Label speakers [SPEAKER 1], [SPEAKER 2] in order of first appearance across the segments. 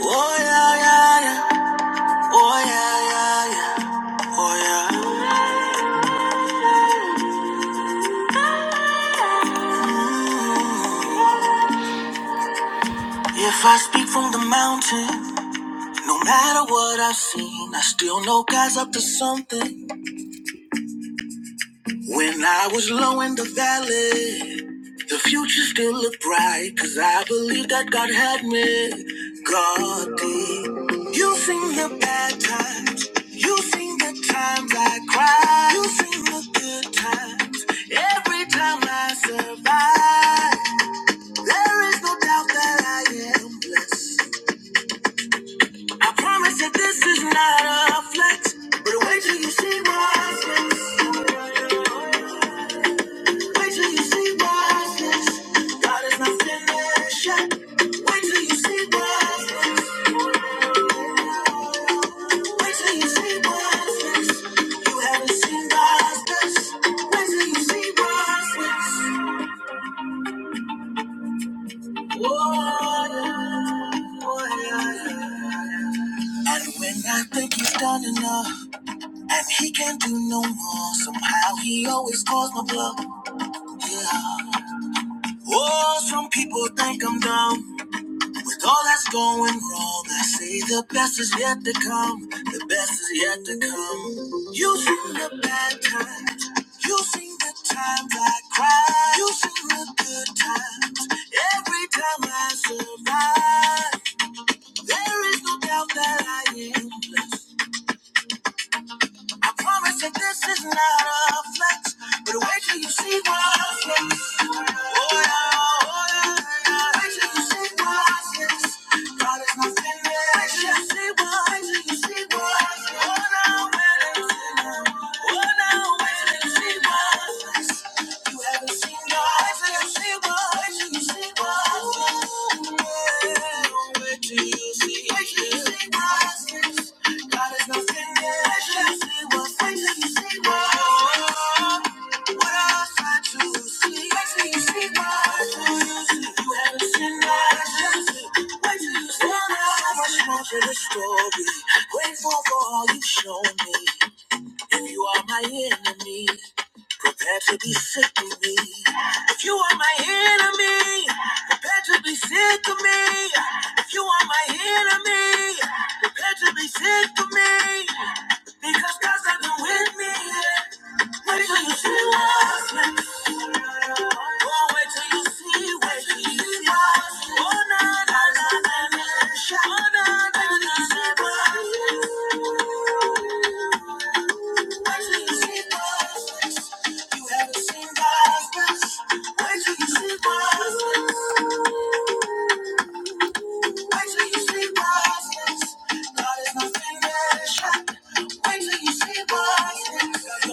[SPEAKER 1] Oh yeah, yeah, yeah. Oh yeah, yeah, yeah. Oh yeah. If I speak from the mountain, no matter what I've seen, I still know God's up to something. When I was low in the valley, the future still looked bright 'cause I believe that God had me. God did. You seen the bad times, you seen the times I cried, you seen the good times, every time I survived. There is no doubt that I am blessed. I promise that this is not a flex, but wait till you see my face. Wait till you see my face. God is not finished yet. Wait till you see my face. Wait till you see my face. You haven't seen God's face. Wait till you see my face. Whoa, yeah, oh, yeah. And when I think you've done enough. And he can't do no more. Somehow he always calls my bluff. Yeah. Oh, some people think I'm dumb. With all that's going wrong, I say the best is yet to come. The best is yet to come. You have seen the bad times. You have seen the times I cried. You have seen the good times. Every time I survive, there is no doubt that I am blessed. I promise that this is not a flex, but wait till you see what I flex. Oh yeah, oh yeah, wait till you see what I flex. God is not finished. Wait till you see what, wait till you see what. I flex. Oh now, wait till you see what. Oh now, wait till see what I flex. You haven't seen life, you see what you see what. Ooh, Wait till you see Wait till you see what. God is not finished. Wait till you see what. Wait till you see what. What else I to see? Wait till you see what. You see, you haven't seen life. Wait till you see what. So much more to the story. Grateful for all you've shown me. If you are my enemy, prepare to be sick of me. If you are my enemy, prepare to be sick of me. If you are my enemy, prepare to be sick of me. Because God's not been with me yet. Wait till you see what's next. Oh, wait till you see, wait till you see what's next. Oh, na, na, na, na, na. Oh, na, na, na, na, na. Wait till you see Boston. They're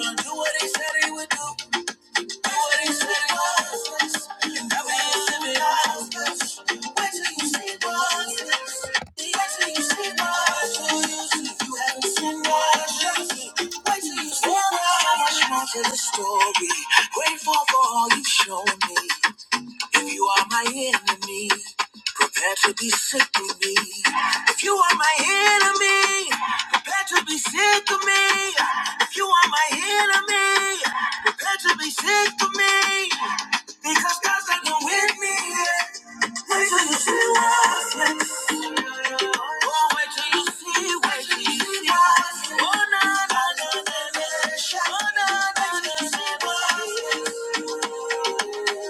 [SPEAKER 1] gonna do what they said they would do. Tell the Story. Grateful for all you've shown me. If you are my enemy, prepare to be sick of me. If you are my enemy, prepare to be sick of me. If you are my enemy, prepare to be sick of me. Because God's not going with me yet. Wait till you see what's next. Oh, wait till you see, wait till you see what's next. Oh, na, na, na, na, na. Oh, na, na, na, na, na.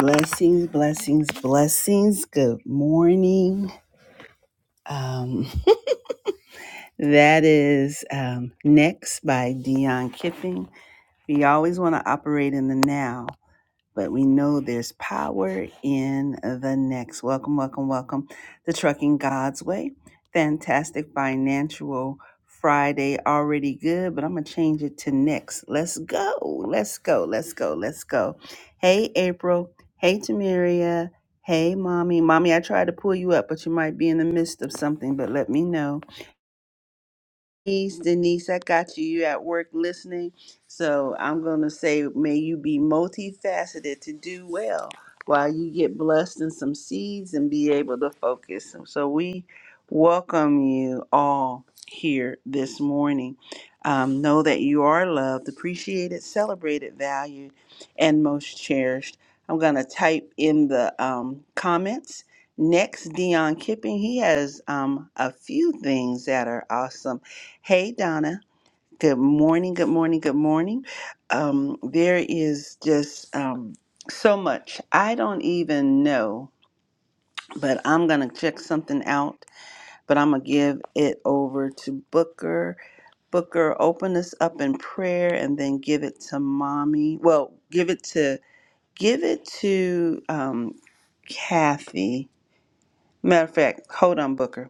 [SPEAKER 1] Blessings, blessings, blessings. Good morning. Um, that is um, Next by Dion Kipping. We always want to operate in the now. but we know there's power in the next. Welcome, welcome, welcome to Trucking God's Way. Fantastic financial Friday, already good, but I'm going to change it to next. Let's go, let's go, let's go, let's go. Hey, April. Hey, Tamiria. Hey, mommy. Mommy, I tried to pull you up, but you might be in the midst of something, but let me know. Denise, Denise, I got you. You at work listening. So I'm going to say, may you be multifaceted to do well while you get blessed in some seeds and be able to focus. So we welcome you all here this morning. Um, know that you are loved, appreciated, celebrated, valued, and most cherished. I'm going to type in the um, comments. Next, Dion Kipping. He has um, a few things that are awesome Hey, Donna. Good morning. Good morning. Good morning. Um, there is just um, so much. I don't even know, but I'm going to check something out. But I'm going to give it over to Booker. Booker, open us up in prayer and then give it to mommy. Well, give it to, give it to um, Kathy Matter of fact, hold on, Booker.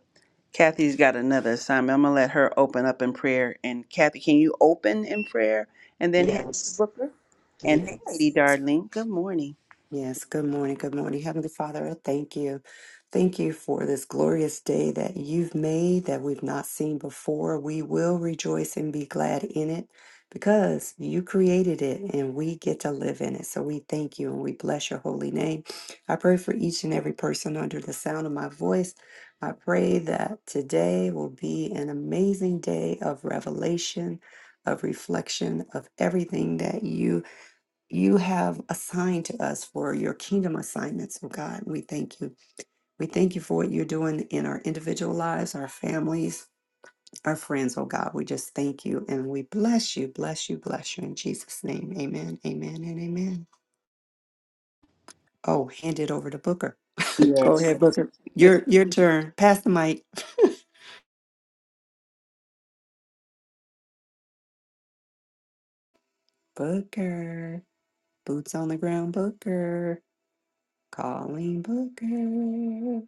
[SPEAKER 1] Kathy's got another assignment. I'm gonna let her open up in prayer. And Kathy, can you open in prayer and then hand it to
[SPEAKER 2] Yes,
[SPEAKER 1] Booker? And hey,
[SPEAKER 2] yes,
[SPEAKER 1] Lady Darling, good morning.
[SPEAKER 2] yes. Good morning, good morning. Heavenly Father, I thank you. Thank you for this glorious day that you've made that we've not seen before. We will rejoice and be glad in it because you created it and we get to live in it. So we thank you and we bless your holy name. I pray for each and every person under the sound of my voice. I pray that today will be an amazing day of revelation, of reflection, of everything that you you have assigned to us for your kingdom assignments, oh God. We thank you. We thank you for what you're doing in our individual lives, our families, our friends, oh God. We just thank you and we bless you, bless you, bless you in Jesus' name. Amen, amen, and amen. Oh, hand it over to Booker. Go
[SPEAKER 1] Yes.
[SPEAKER 2] ahead, Booker. Your your turn. Pass the mic. Booker. Boots on the ground, Booker. Calling Booker.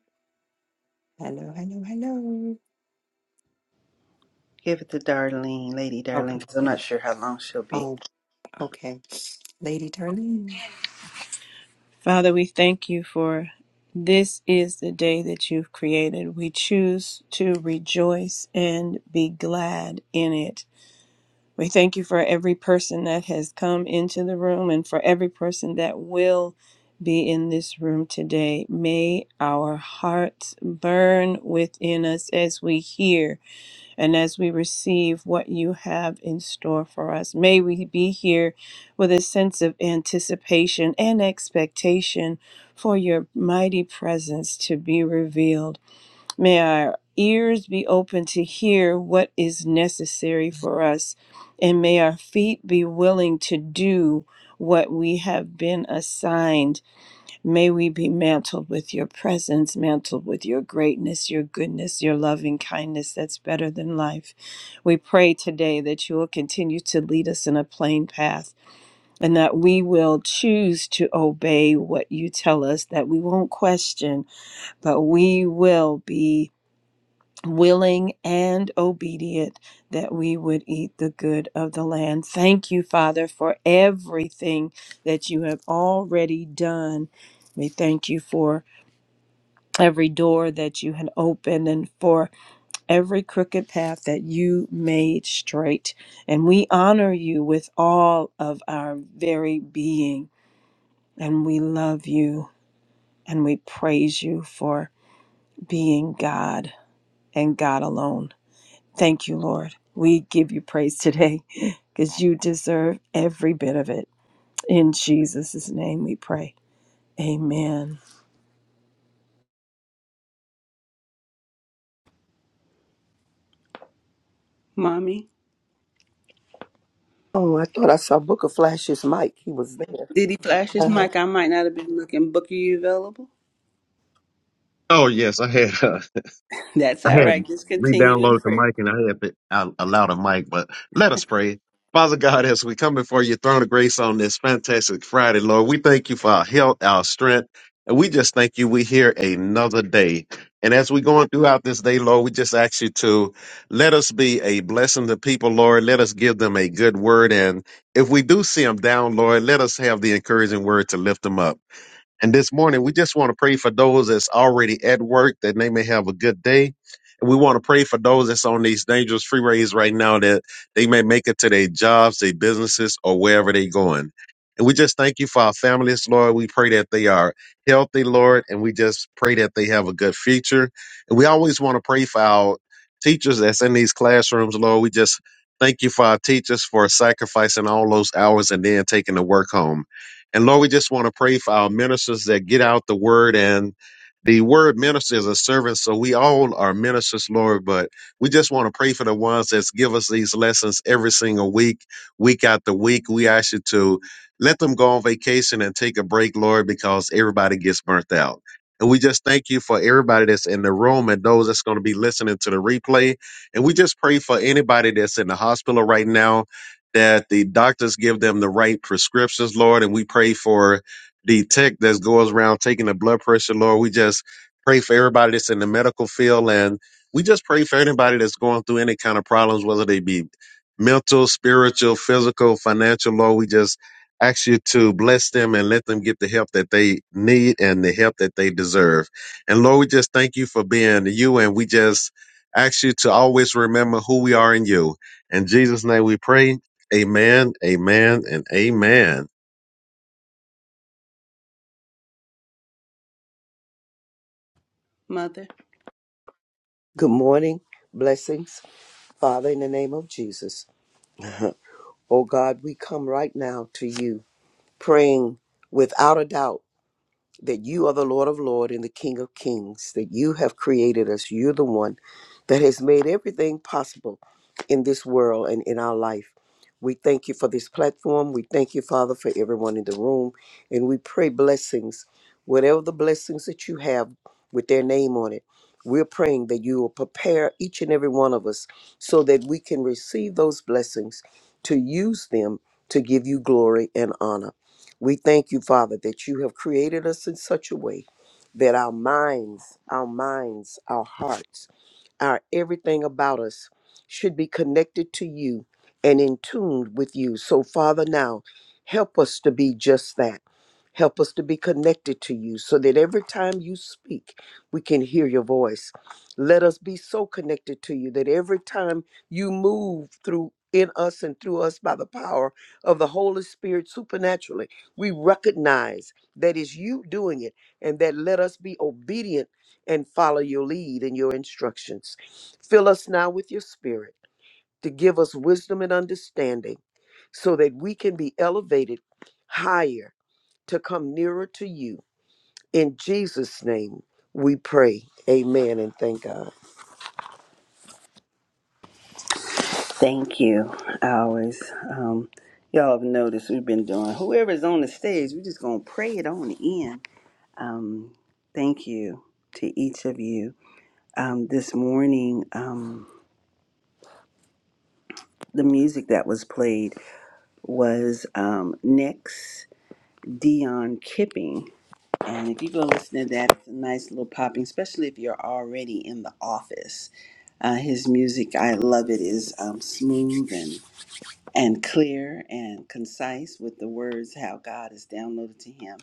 [SPEAKER 2] Hello, hello, hello.
[SPEAKER 1] Give it to Darlene, Lady Darling,
[SPEAKER 2] Okay.
[SPEAKER 1] because I'm not sure how long she'll be.
[SPEAKER 2] Oh, okay. Lady Darlene.
[SPEAKER 3] Father, we thank you for this is the day that you've created. We choose to rejoice and be glad in it. We thank you for every person that has come into the room and for every person that will be in this room today. May our hearts burn within us as we hear. And as we receive what you have in store for us, may we be here with a sense of anticipation and expectation for your mighty presence to be revealed. May our ears be open to hear what is necessary for us, and may our feet be willing to do what we have been assigned May we be mantled with your presence, mantled with your greatness, your goodness, your loving kindness that's better than life. We pray today that you will continue to lead us in a plain path and that we will choose to obey what you tell us, that we won't question, but we will be willing and obedient that we would eat the good of the land. Thank you, Father, for everything that you have already done. We thank you for every door that you had opened and for every crooked path that you made straight. And we honor you with all of our very being. And we love you and we praise you for being God and God alone. Thank you, Lord. We give you praise today because you deserve every bit of it. In Jesus' name we pray. Amen.
[SPEAKER 1] Mommy,
[SPEAKER 4] Oh, I thought I saw Booker Flash's mic. He was there.
[SPEAKER 1] did he flash his
[SPEAKER 4] Uh-huh.
[SPEAKER 1] mic? I might not have been looking. Booker, you available?
[SPEAKER 5] Oh yes, I had uh,
[SPEAKER 1] That's
[SPEAKER 5] I
[SPEAKER 1] all
[SPEAKER 5] had
[SPEAKER 1] right. Just continue in
[SPEAKER 5] re-downloaded the
[SPEAKER 1] prayer,
[SPEAKER 5] mic and I had been I allowed a mic, but let us pray. Father God, as we come before your throne of grace on this fantastic Friday, Lord, we thank you for our health, our strength, and we just thank you we here another day. And as we're going throughout this day, Lord, we just ask you to let us be a blessing to people, Lord. Let us give them a good word. And if we do see them down, Lord, let us have the encouraging word to lift them up. And this morning, we just want to pray for those that's already at work that they may have a good day. And we want to pray for those that's on these dangerous freeways right now that they may make it to their jobs, their businesses, or wherever they're going. And we just thank you for our families, Lord. We pray that they are healthy, Lord, and we just pray that they have a good future. And we always want to pray for our teachers that's in these classrooms, Lord. We just thank you for our teachers for sacrificing all those hours and then taking the work home. And Lord, we just want to pray for our ministers that get out the word and the word minister is a servant, so we all are ministers, Lord, but we just want to pray for the ones that give us these lessons every single week, week after week. We ask you to let them go on vacation and take a break, Lord, because everybody gets burnt out. And we just thank you for everybody that's in the room and those that's going to be listening to the replay. And we just pray for anybody that's in the hospital right now that the doctors give them the right prescriptions, Lord. And we pray for the tech that goes around taking the blood pressure, Lord. We just pray for everybody that's in the medical field. And we just pray for anybody that's going through any kind of problems, whether they be mental, spiritual, physical, financial, Lord. We just ask you to bless them and let them get the help that they need and the help that they deserve. And Lord, we just thank you for being you. And we just ask you to always remember who we are in you. In Jesus' name we pray. Amen, amen, and amen.
[SPEAKER 1] Mother.
[SPEAKER 4] Good morning. Blessings, Father, in the name of Jesus. Oh God, we come right now to you, praying without a doubt. that you are the Lord of Lords and the King of Kings, that you have created us. You're the one that has made everything possible in this world and in our life. We thank you for this platform. We thank you, Father, for everyone in the room. And we pray blessings, whatever the blessings that you have with their name on it. We're praying that you will prepare each and every one of us so that we can receive those blessings to use them to give you glory and honor. We thank you, Father, that you have created us in such a way that our minds, our minds, our hearts, our everything about us should be connected to you and in tune with you. So, Father, now help us to be just that. Help us to be connected to you so that every time you speak, we can hear your voice. Let us be so connected to you that every time you move through in us and through us by the power of the Holy Spirit supernaturally, we recognize that it's you doing it and that let us be obedient and follow your lead and your instructions. Fill us now with your spirit to give us wisdom and understanding so that we can be elevated higher to come nearer to you. In Jesus' name, we pray. Amen and thank God.
[SPEAKER 1] Thank you. I always, um, y'all have noticed we've been doing. Whoever's on the stage, we're just gonna pray it on in. Um, thank you to each of you. Um, this morning, um, the music that was played was um, next Dion Kipping. And if you go listen to that, it's a nice little popping, especially if you're already in the office. Uh, his music, I love it, is um, smooth and, and clear and concise with the words how God is downloaded to him.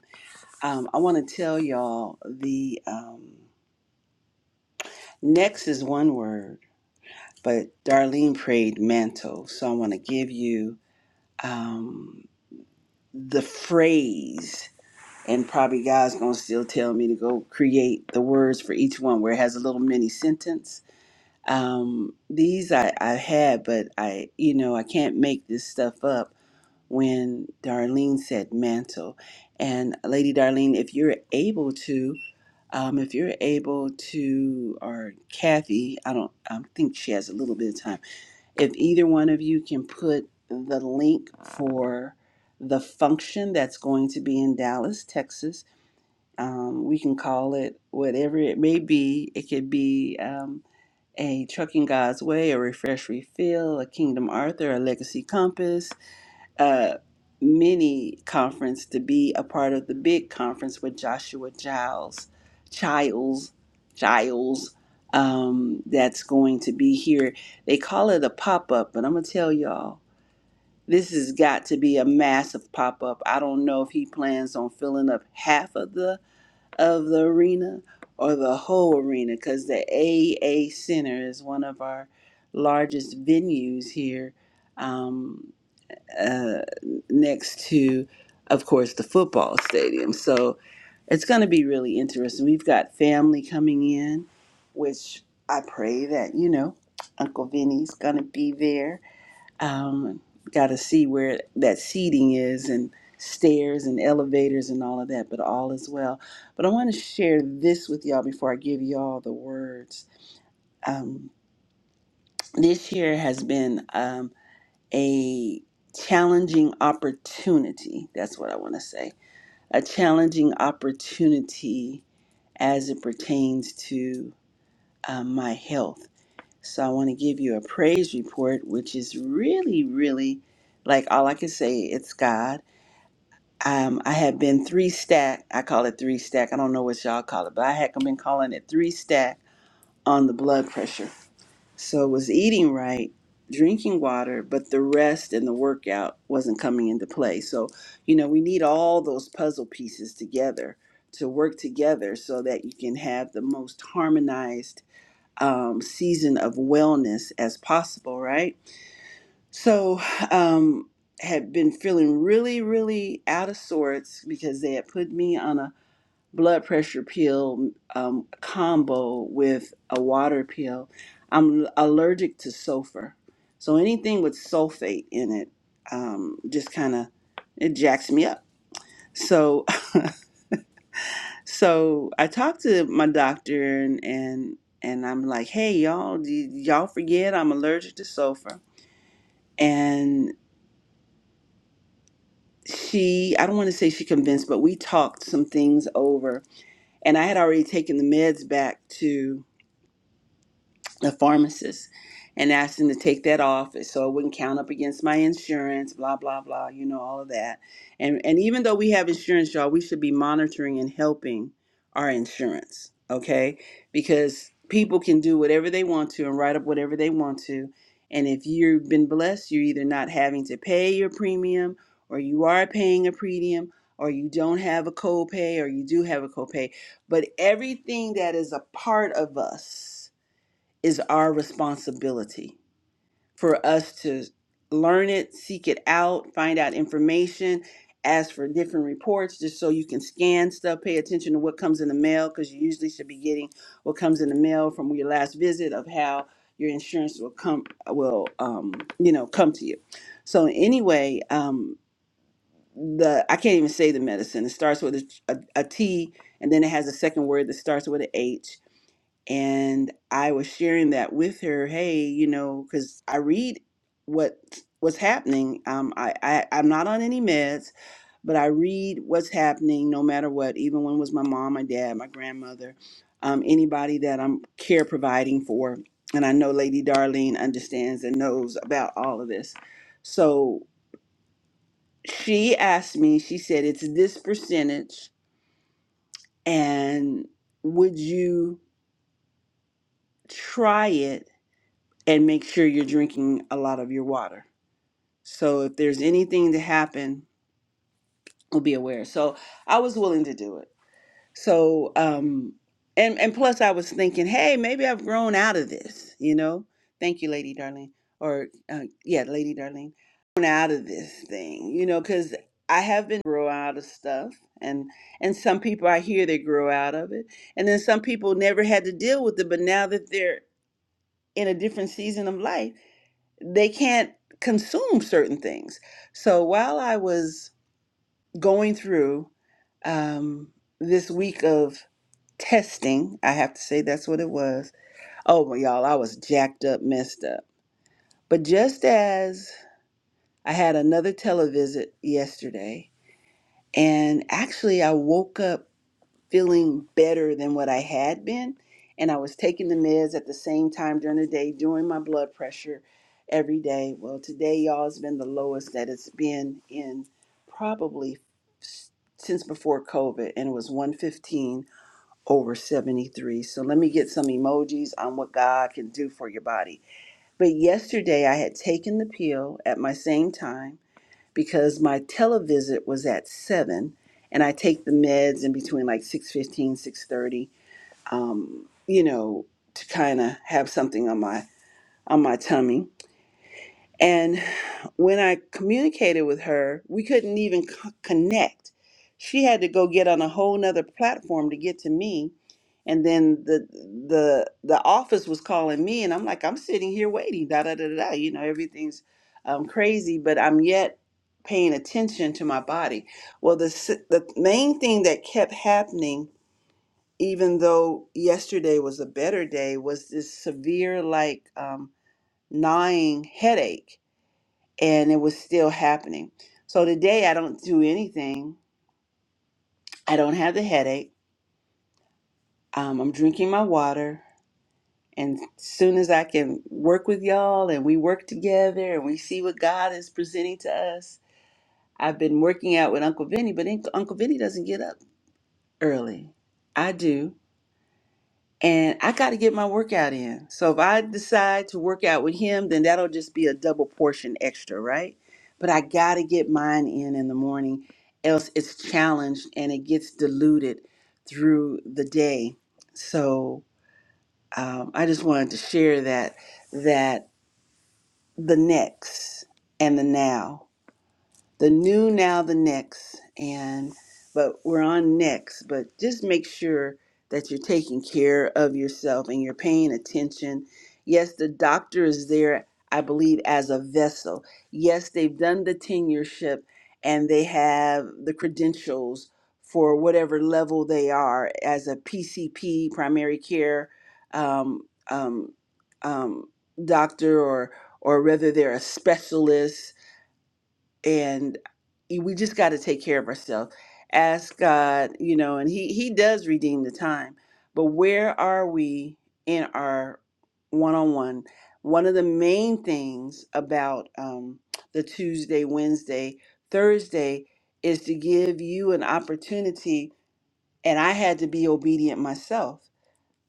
[SPEAKER 1] Um, I want to tell y'all the um, next is one word but Darlene prayed mantle. So I want to give you um, the phrase, and probably God's going to still tell me to go create the words for each one where it has a little mini sentence. Um, these I, I had, but I, you know, I can't make this stuff up when Darlene said mantle. And Lady Darlene, if you're able to, um, if you're able to, or Kathy, I don't, I think she has a little bit of time if either one of you can put the link for the function that's going to be in Dallas, Texas, um, we can call it whatever it may be. It could be um, a Trucking God's Way, a Refresh Refill, a Kingdom Arthur, a Legacy Compass, uh, mini conference to be a part of the big conference with Joshua Giles, Giles, Giles. Um, that's going to be here. They call it a pop up, but I'm gonna tell y'all this has got to be a massive pop up. I don't know if he plans on filling up half of the of the arena or the whole arena because the AA Center is one of our largest venues here. Um, uh, next to, of course, the football stadium. So it's going to be really interesting. We've got family coming in, which I pray that, you know, Uncle Vinny's going to be there. Um, got to see where that seating is and stairs and elevators and all of that, but all is well. But I want to share this with y'all before I give y'all the words. Um, this year has been. Um, a challenging opportunity. That's what I want to say. A challenging opportunity as it pertains to uh, my health. So I want to give you a praise report, which is really, really like all I can say. It's God. Um, I have been three stack. I call it three stack. I don't know what y'all call it, but I heck, I've been calling it three stack on the blood pressure. So it was eating right, drinking water, but the rest and the workout wasn't coming into play. So, you know, we need all those puzzle pieces together to work together so that you can have the most harmonized um, season of wellness as possible, right? So, um, had been feeling really, really out of sorts because they had put me on a blood pressure pill um, combo with a water pill. I'm allergic to sulfur, so anything with sulfate in it um, just kind of it jacks me up. So so I talked to my doctor and and and I'm like, hey y'all, d- y'all forget I'm allergic to sulfur, and she I don't want to say she convinced, but we talked some things over, and I had already taken the meds back a pharmacist and asked him to take that off so it wouldn't count up against my insurance, blah, blah, blah, you know, all of that. And and even though we have insurance, y'all, we should be monitoring and helping our insurance, okay? Because people can do whatever they want to and write up whatever they want to. And if you've been blessed, you're either not having to pay your premium or you are paying a premium or you don't have a copay or you do have a copay. But everything that is a part of us is our responsibility for us to learn it, seek it out, find out information, ask for different reports just so you can scan stuff, pay attention to what comes in the mail because you usually should be getting what comes in the mail from your last visit of how your insurance will come will um, you know come to you. So anyway, um, the I can't even say the medicine. It starts with a, a, a T and then it has a second word that starts with an H and I was sharing that with her. Hey, you know, because I read what what's happening. Um, I, I I'm not on any meds, but I read what's happening no matter what. Even when it was my mom, my dad, my grandmother, um, anybody that I'm care providing for, and I know Lady Darlene understands and knows about all of this. So she asked me. She said, "It's this percentage, and would you try it?" and make sure you're drinking a lot of your water. So if there's anything to happen, we'll be aware. So I was willing to do it. So um and and plus I was thinking, hey, maybe I've grown out of this, you know? Thank you, Lady Darling. Or uh, yeah, Lady Darling. Grown out of this thing, you know, cuz I have been grow out of stuff and and some people I hear they grow out of it. And then some people never had to deal with it, but now that they're in a different season of life, they can't consume certain things. So while I was going through um, this week of testing, I have to say that's what it was. Oh my y'all, I was jacked up, messed up. But just as I had another televisit yesterday, and actually I woke up feeling better than what I had been. And I was taking the meds at the same time during the day, doing my blood pressure every day. Well, today, y'all, has been the lowest that it's been in probably s- since before COVID, and it was 115 over 73. So let me get some emojis on what God can do for your body. But yesterday, I had taken the pill at my same time because my televisit was at 7 and I take the meds in between like six fifteen, six thirty. um you know to kind of have something on my on my tummy. and when I communicated with her, we couldn't even c- connect. She had to go get on a whole nother platform to get to me. And then the the the office was calling me, and I'm like, I'm sitting here waiting. Da da da da. da. You know, everything's um, crazy, but I'm yet paying attention to my body. Well, the s- the main thing that kept happening, even though yesterday was a better day, was this severe like um, gnawing headache and it was still happening. So today I don't do anything. I don't have the headache. Um, I'm drinking my water. And soon as I can work with y'all and we work together and we see what God is presenting to us, I've been working out with Uncle Vinny, but Uncle Uncle Vinny doesn't get up early. I do. and I got to get my workout in. So if I decide to work out with him, then that'll just be a double portion extra, right? But I got to get mine in in the morning, else it's challenged and it gets diluted through the day. So um, I just wanted to share that that the next and the now the new now the next and but we're on next but just make sure that you're taking care of yourself and you're paying attention yes the doctor is there i believe as a vessel yes they've done the tenureship and they have the credentials for whatever level they are as a pcp primary care um, um, um, doctor or or whether they're a specialist and we just got to take care of ourselves ask god you know and he he does redeem the time but where are we in our one-on-one one of the main things about um, the tuesday wednesday thursday is to give you an opportunity and i had to be obedient myself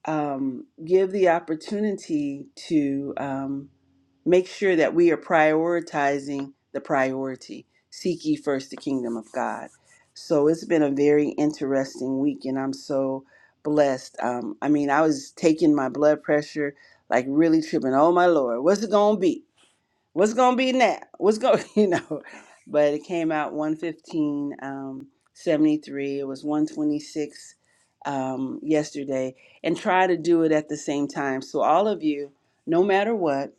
[SPEAKER 1] um, give the opportunity to um, make sure that we are prioritizing the priority. Seek ye first the kingdom of God. So it's been a very interesting week, and I'm so blessed. Um, I mean, I was taking my blood pressure, like really tripping. Oh my Lord, what's it gonna be? What's it gonna be now? What's going, you know? But it came out 115, um, 73. It was 126 um, yesterday, and try to do it at the same time. So all of you, no matter what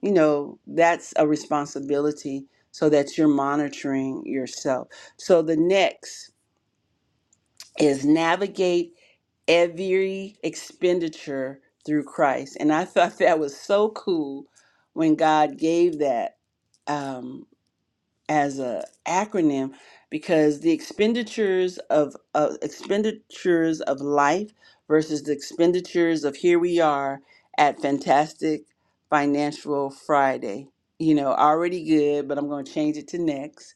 [SPEAKER 1] you know that's a responsibility so that you're monitoring yourself so the next is navigate every expenditure through christ and i thought that was so cool when god gave that um, as a acronym because the expenditures of uh, expenditures of life versus the expenditures of here we are at fantastic financial friday you know already good but i'm going to change it to next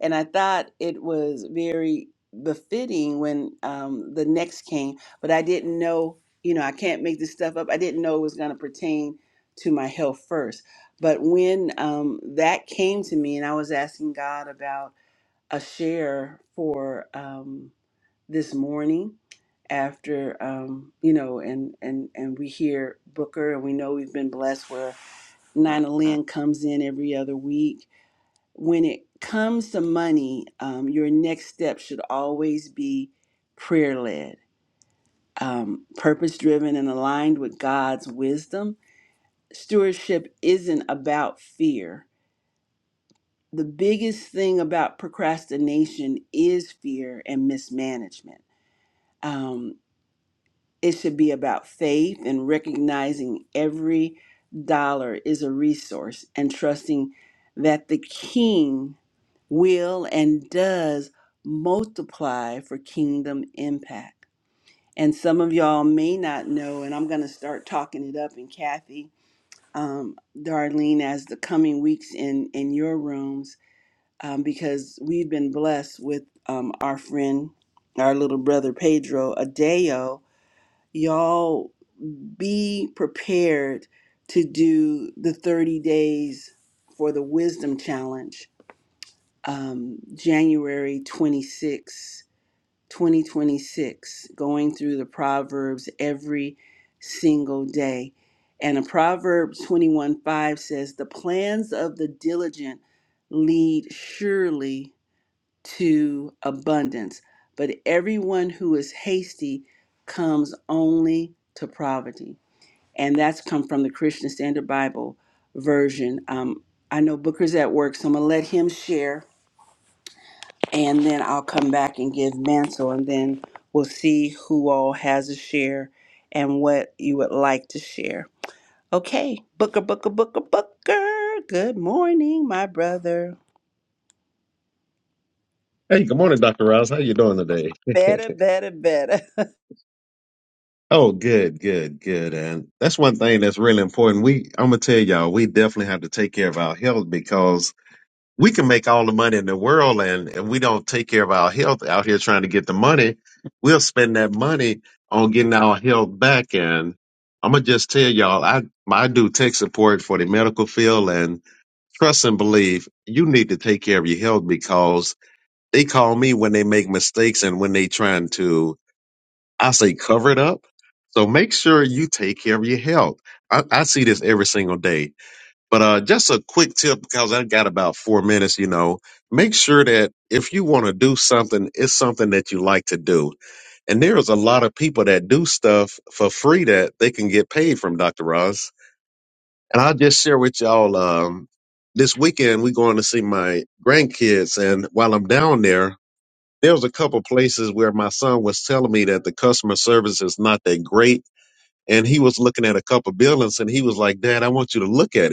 [SPEAKER 1] and I thought it was very befitting when um, the next came, but I didn't know, you know, I can't make this stuff up. I didn't know it was going to pertain to my health first. But when um, that came to me, and I was asking God about a share for um, this morning after um, you know and and and we hear booker and we know we've been blessed where nina lynn comes in every other week when it comes to money, um, your next step should always be prayer led, um, purpose driven, and aligned with God's wisdom. Stewardship isn't about fear. The biggest thing about procrastination is fear and mismanagement. Um, it should be about faith and recognizing every dollar is a resource and trusting that the king will and does multiply for kingdom impact. And some of y'all may not know, and I'm going to start talking it up. And Kathy, um, Darlene, as the coming weeks in in your rooms, um, because we've been blessed with um, our friend, our little brother Pedro Adeo. Y'all be prepared to do the 30 days for the wisdom challenge um, January twenty-sixth, twenty 26, 2026, going through the Proverbs every single day. And a Proverbs 21 5 says, The plans of the diligent lead surely to abundance, but everyone who is hasty comes only to poverty. And that's come from the Christian Standard Bible version. Um, I know Booker's at work, so I'm going to let him share and then I'll come back and give Mansell, and then we'll see who all has a share and what you would like to share. Okay, Booker, Booker, Booker, Booker. Good morning, my brother.
[SPEAKER 5] Hey, good morning, Dr. Ross. How you doing today?
[SPEAKER 1] Better, better, better.
[SPEAKER 5] oh, good, good, good. And that's one thing that's really important. We I'm gonna tell y'all, we definitely have to take care of our health because we can make all the money in the world and if we don't take care of our health out here trying to get the money, we'll spend that money on getting our health back. And I'm gonna just tell y'all, I I do tech support for the medical field and trust and believe you need to take care of your health because They call me when they make mistakes and when they trying to, I say, cover it up. So make sure you take care of your health. I, I see this every single day. But uh, just a quick tip because I got about four minutes. You know, make sure that if you want to do something, it's something that you like to do. And there's a lot of people that do stuff for free that they can get paid from Dr. Ross. And I'll just share with y'all um, this weekend, we're going to see my grandkids. And while I'm down there, there was a couple places where my son was telling me that the customer service is not that great and he was looking at a couple buildings and he was like dad i want you to look at it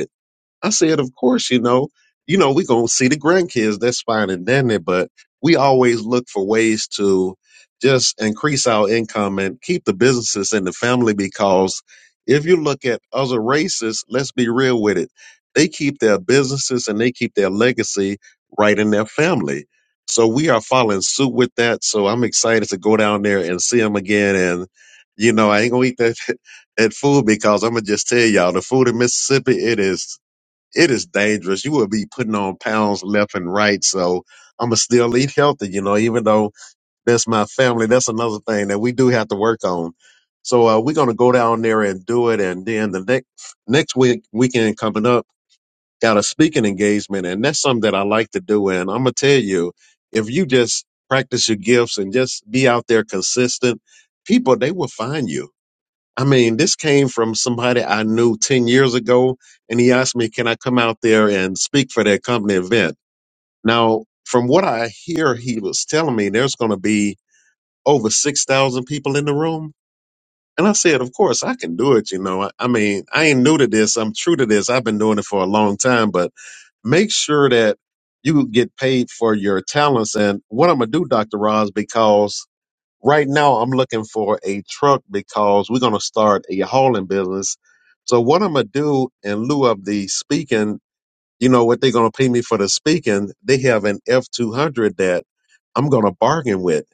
[SPEAKER 5] I said, of course, you know, you know, we gonna see the grandkids. That's fine and dandy, but we always look for ways to just increase our income and keep the businesses in the family because if you look at other races, let's be real with it, they keep their businesses and they keep their legacy right in their family. So we are following suit with that. So I'm excited to go down there and see them again. And you know, I ain't gonna eat that that food because I'm gonna just tell y'all the food in Mississippi it is it is dangerous. You will be putting on pounds left and right. So I'm gonna still eat healthy, you know, even though that's my family. That's another thing that we do have to work on. So uh, we're gonna go down there and do it. And then the next next week weekend coming up, got a speaking engagement, and that's something that I like to do. And I'm gonna tell you, if you just practice your gifts and just be out there consistent, people they will find you I mean, this came from somebody I knew 10 years ago, and he asked me, Can I come out there and speak for their company event? Now, from what I hear, he was telling me there's going to be over 6,000 people in the room. And I said, Of course, I can do it. You know, I, I mean, I ain't new to this. I'm true to this. I've been doing it for a long time, but make sure that you get paid for your talents. And what I'm going to do, Dr. Roz, because Right now, I'm looking for a truck because we're going to start a hauling business. So, what I'm going to do in lieu of the speaking you know what they're going to pay me for the speaking they have an f200 that i'm going to bargain with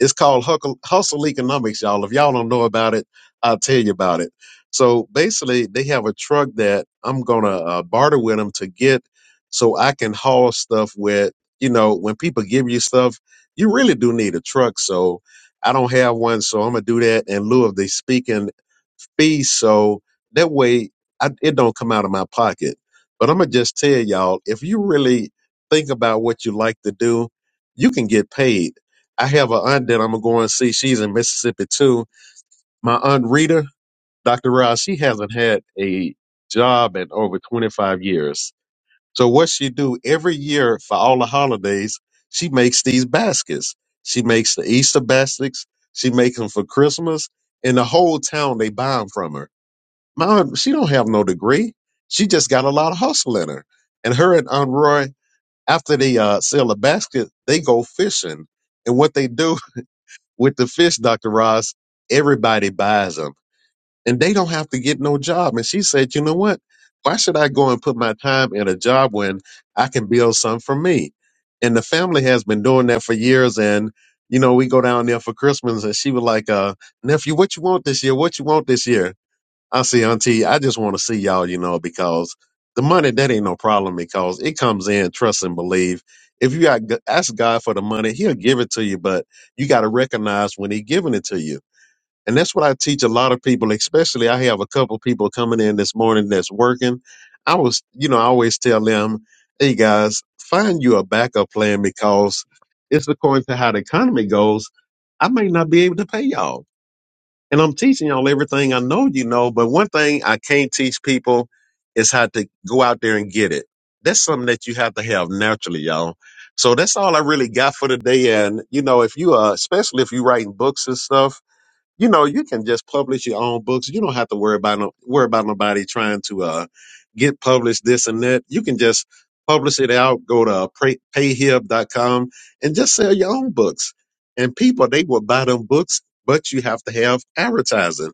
[SPEAKER 5] it's called huckle- hustle economics y'all if y'all don't know about it i'll tell you about it so basically they have a truck that i'm going to uh, barter with them to get so i can haul stuff with you know when people give you stuff you really do need a truck so i don't have one so i'm going to do that in lieu of the speaking fee so that way I, it don't come out of my pocket but I'm gonna just tell y'all, if you really think about what you like to do, you can get paid. I have an aunt that I'm gonna go and see. She's in Mississippi too. My aunt Rita, Dr. Ross, she hasn't had a job in over 25 years. So what she do every year for all the holidays, she makes these baskets. She makes the Easter baskets. She makes them for Christmas, and the whole town they buy them from her. My, she don't have no degree. She just got a lot of hustle in her. And her and Aunt Roy, after they uh, sell a basket, they go fishing. And what they do with the fish, Dr. Ross, everybody buys them. And they don't have to get no job. And she said, you know what? Why should I go and put my time in a job when I can build something for me? And the family has been doing that for years. And, you know, we go down there for Christmas and she was like, uh, nephew, what you want this year? What you want this year? I see, Auntie. I just want to see y'all, you know, because the money that ain't no problem because it comes in. Trust and believe. If you got, ask God for the money, He'll give it to you. But you got to recognize when He's giving it to you, and that's what I teach a lot of people. Especially, I have a couple people coming in this morning that's working. I was, you know, I always tell them, "Hey guys, find you a backup plan because it's according to how the economy goes. I may not be able to pay y'all." And I'm teaching y'all everything I know you know, but one thing I can't teach people is how to go out there and get it. That's something that you have to have naturally, y'all. So that's all I really got for today. And you know, if you are, especially if you're writing books and stuff, you know, you can just publish your own books. You don't have to worry about no worry about nobody trying to uh get published this and that. You can just publish it out, go to uh, pray- payhib.com and just sell your own books. And people they will buy them books, but you have to have advertising.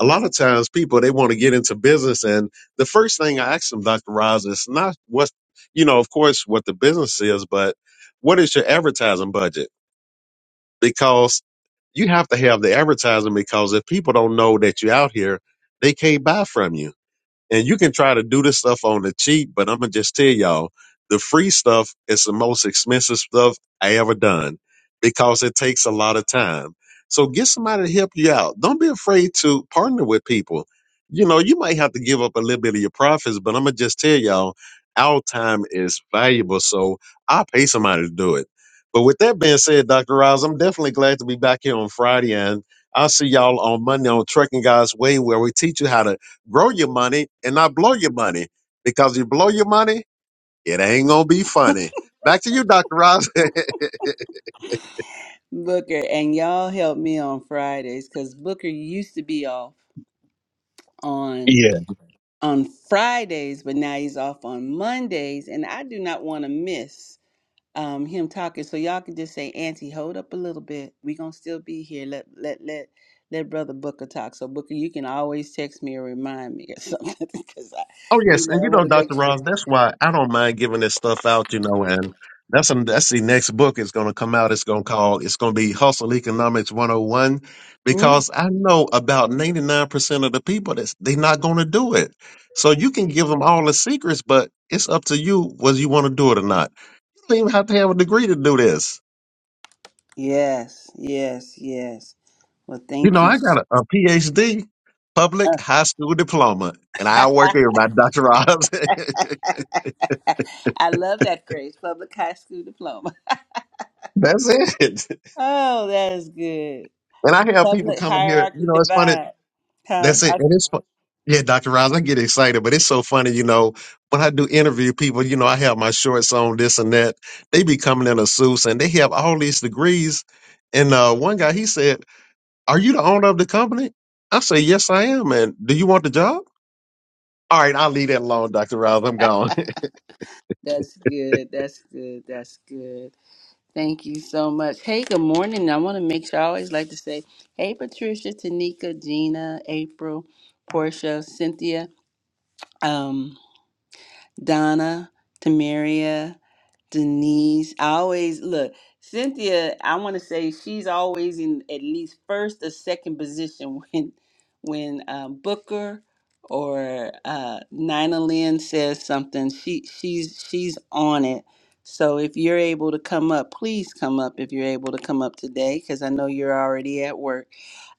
[SPEAKER 5] A lot of times people they want to get into business and the first thing I ask them, Dr. Roz, is not what you know, of course what the business is, but what is your advertising budget? Because you have to have the advertising because if people don't know that you're out here, they can't buy from you. And you can try to do this stuff on the cheap, but I'm gonna just tell y'all the free stuff is the most expensive stuff I ever done because it takes a lot of time. So get somebody to help you out. Don't be afraid to partner with people. You know, you might have to give up a little bit of your profits, but I'm gonna just tell y'all our time is valuable. So I'll pay somebody to do it. But with that being said, Dr. Rouse, I'm definitely glad to be back here on Friday and I'll see y'all on Monday on Trucking Guys Way, where we teach you how to grow your money and not blow your money because you blow your money, it ain't gonna be funny. Back to you, Dr. Ross.
[SPEAKER 1] Booker, and y'all help me on Fridays because Booker used to be off on
[SPEAKER 5] Yeah.
[SPEAKER 1] on Fridays, but now he's off on Mondays, and I do not want to miss. um him talking so y'all can just say auntie hold up a little bit we gonna still be here let let let let brother booker talk so booker you can always text me or remind me or something because i
[SPEAKER 5] oh
[SPEAKER 1] you
[SPEAKER 5] yes,
[SPEAKER 1] know
[SPEAKER 5] and
[SPEAKER 1] i
[SPEAKER 5] you
[SPEAKER 1] want
[SPEAKER 5] know,
[SPEAKER 1] to
[SPEAKER 5] Dr.
[SPEAKER 1] make sure
[SPEAKER 5] Ross, that's why I don't mind giving this stuff out, you know, and that's that's the next book is gonna come out. It's gonna call it's gonna be Hustle Economics 101
[SPEAKER 1] Mhm.
[SPEAKER 5] because I know about 99% of the people that's they're not gonna do it. So you can give them all the secrets, but it's up to you whether you want to do it or not. You don't even have to have a degree to do this
[SPEAKER 1] yes yes yes well
[SPEAKER 5] You know,
[SPEAKER 1] thank you
[SPEAKER 5] I got a, a PhD, public high school diploma, and I work here by Dr. Ross.
[SPEAKER 1] i love that grace public high school diploma
[SPEAKER 5] That's it.
[SPEAKER 1] oh that is good
[SPEAKER 5] And I have people
[SPEAKER 1] public
[SPEAKER 5] coming here.
[SPEAKER 1] hierarchy
[SPEAKER 5] You know, it's funny.
[SPEAKER 1] divide huh
[SPEAKER 5] That's it.
[SPEAKER 1] I-
[SPEAKER 5] And it's fun. Yeah, Dr. Ross. I get excited, but it's so funny, you know, when I do interview people, you know, I have my shorts on, this and that. They be coming in a suits and they have all these degrees. And uh, one guy, he said, Are you the owner of the company? I say, Yes, I am. And do you want the job? All right, I'll leave that alone, Dr. Ross. I'm gone.
[SPEAKER 1] that's good that's good that's good Thank you so much. Hey, good morning. I want to make sure I always like to say, hey, Patricia, Tanika, Gina, April, Portia, Cynthia, um, Donna, Tamaria. Denise, I always look. Cynthia, I want to say she's always in at least first or second position when when um, Booker or uh, Nina Lynn says something. She she's she's on it. So if you're able to come up, please come up if you're able to come up today because I know you're already at work.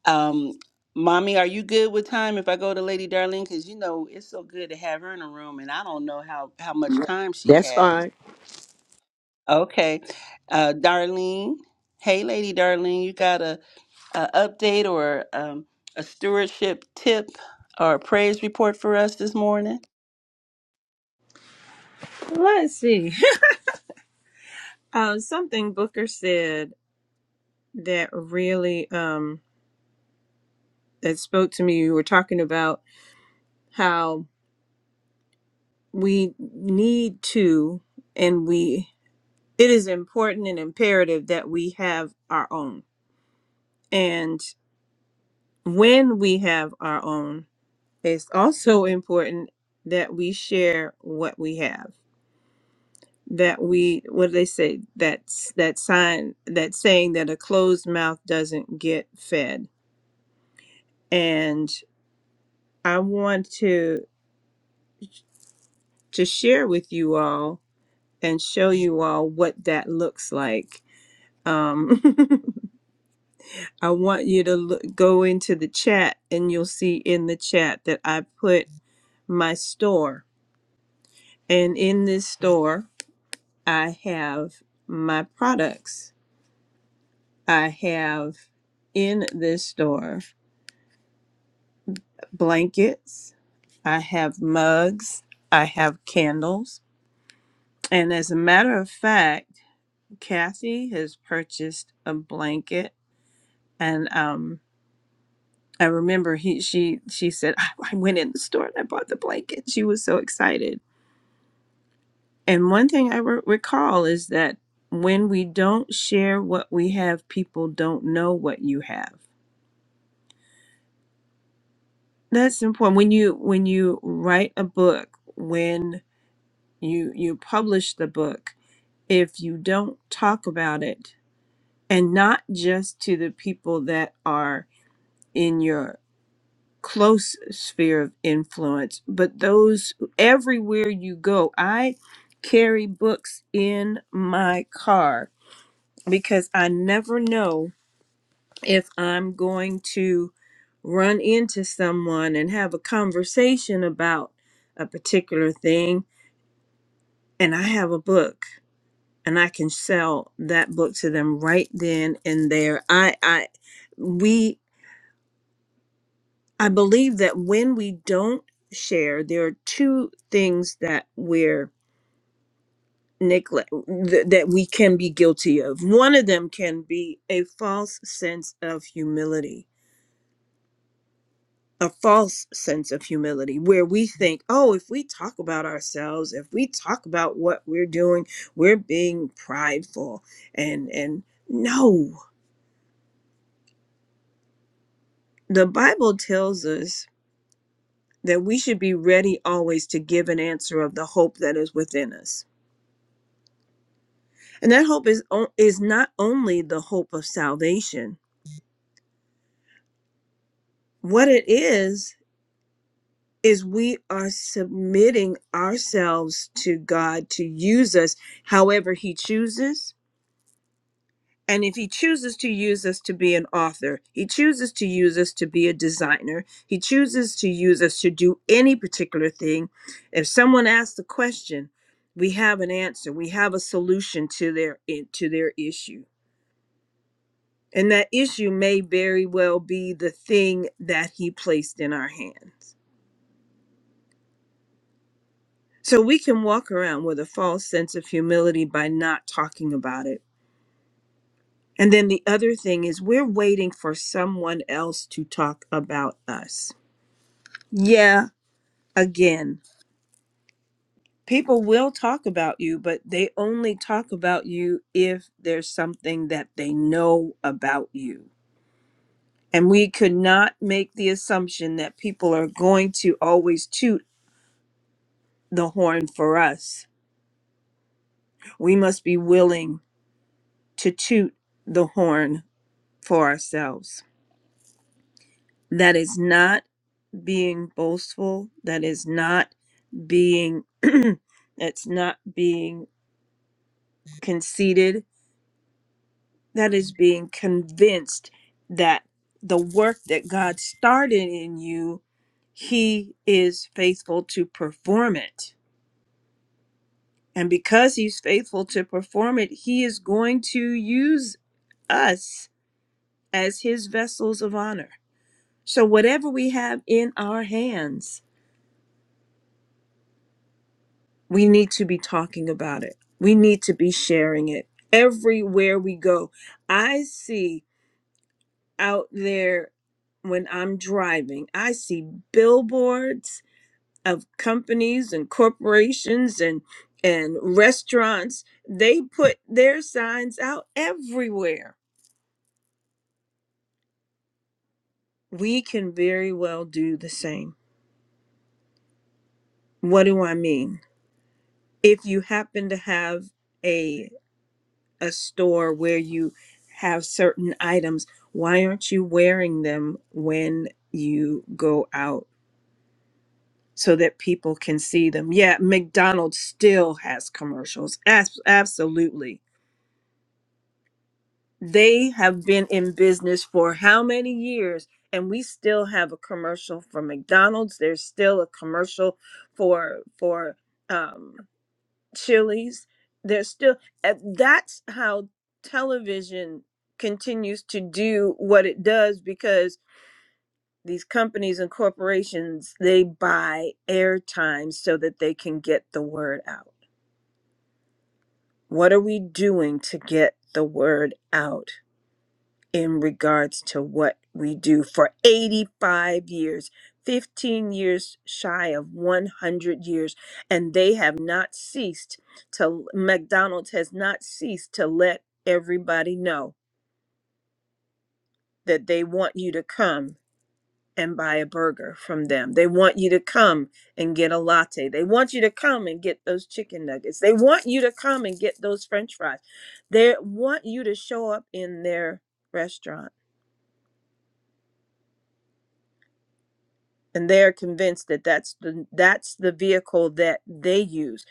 [SPEAKER 1] Um, Mommy, are you good with time if I go to Lady Darling? Because you know it's so good to have her in a room, and I don't know how how much time she
[SPEAKER 4] That's
[SPEAKER 1] has.
[SPEAKER 4] fine.
[SPEAKER 1] Okay. Uh, Darlene. Hey, Lady Darlene, you got a, a update or um, a stewardship tip or a praise report for us this morning?
[SPEAKER 3] Let's see. Uh, something Booker said that really um, that spoke to me. You were talking about how we need to, and we it is important and imperative that we have our own. And when we have our own, it's also important that we share what we have. That we what do they say? That's that sign that saying that a closed mouth doesn't get fed. And I want to to share with you all and show you all what that looks like. Um, I want you to look, go into the chat, and you'll see in the chat that I put my store. And in this store, I have my products. I have in this store blankets, I have mugs, I have candles. And as a matter of fact, Kathy has purchased a blanket and um, I remember he she she said I, I went in the store and I bought the blanket. She was so excited. And one thing I re- recall is that when we don't share what we have, people don't know what you have. That's important. When you when you write a book, when you you publish the book, if you don't talk about it and not just to the people that are in your close sphere of influence, but those everywhere you go. I carry books in my car because I never know if I'm going to run into someone and have a conversation about a particular thing. And I have a book and I can sell that book to them right then and there. I, I, we I believe that when we don't share, there are two things that we're neglect th- that we can be guilty of. One of them can be a false sense of humility, a false sense of humility where we think, "Oh, if we talk about ourselves, if we talk about what we're doing, we're being prideful." And and no, the Bible tells us that we should be ready always to give an answer of the hope that is within us And that hope is o- is not only the hope of salvation. What it is is we are submitting ourselves to God to use us however he chooses. And if he chooses to use us to be an author, he chooses to use us to be a designer, he chooses to use us to do any particular thing. If someone asks a question, we have an answer. We have a solution to their to their issue And that issue may very well be the thing that he placed in our hands. So we can walk around with a false sense of humility by not talking about it. And then the other thing is, we're waiting for someone else to talk about us. Yeah, again, people will talk about you, but they only talk about you if there's something that they know about you. And we could not make the assumption that people are going to always toot the horn for us. We must be willing to toot the horn for ourselves. That is not being boastful. That is not being that's not being conceited. That is being convinced that the work that God started in you, he is faithful to perform it. And because he's faithful to perform it, he is going to use us as his vessels of honor. So, whatever we have in our hands, we need to be talking about it. We need to be sharing it everywhere we go. I see out there when I'm driving, I see billboards of companies and corporations and and restaurants they put their signs out everywhere we can very well do the same what do i mean if you happen to have a a store where you have certain items why aren't you wearing them when you go out so that people can see them yeah mcdonald's still has commercials As- absolutely they have been in business for how many years and we still have a commercial for mcdonald's there's still a commercial for for um Chili's. There's still uh, that's how television continues to do what it does because these companies and corporations they buy airtime so that they can get the word out. What are we doing to get the word out? in regards to what we do for 85 years, 15 years shy of 100 years. And they have not ceased to, McDonald's has not ceased to let everybody know that they want you to come and buy a burger from them. They want you to come and get a latte. They want you to come and get those chicken nuggets. They want you to come and get those french fries. They want you to show up in their restaurant and they're convinced that that's the that's the vehicle that they use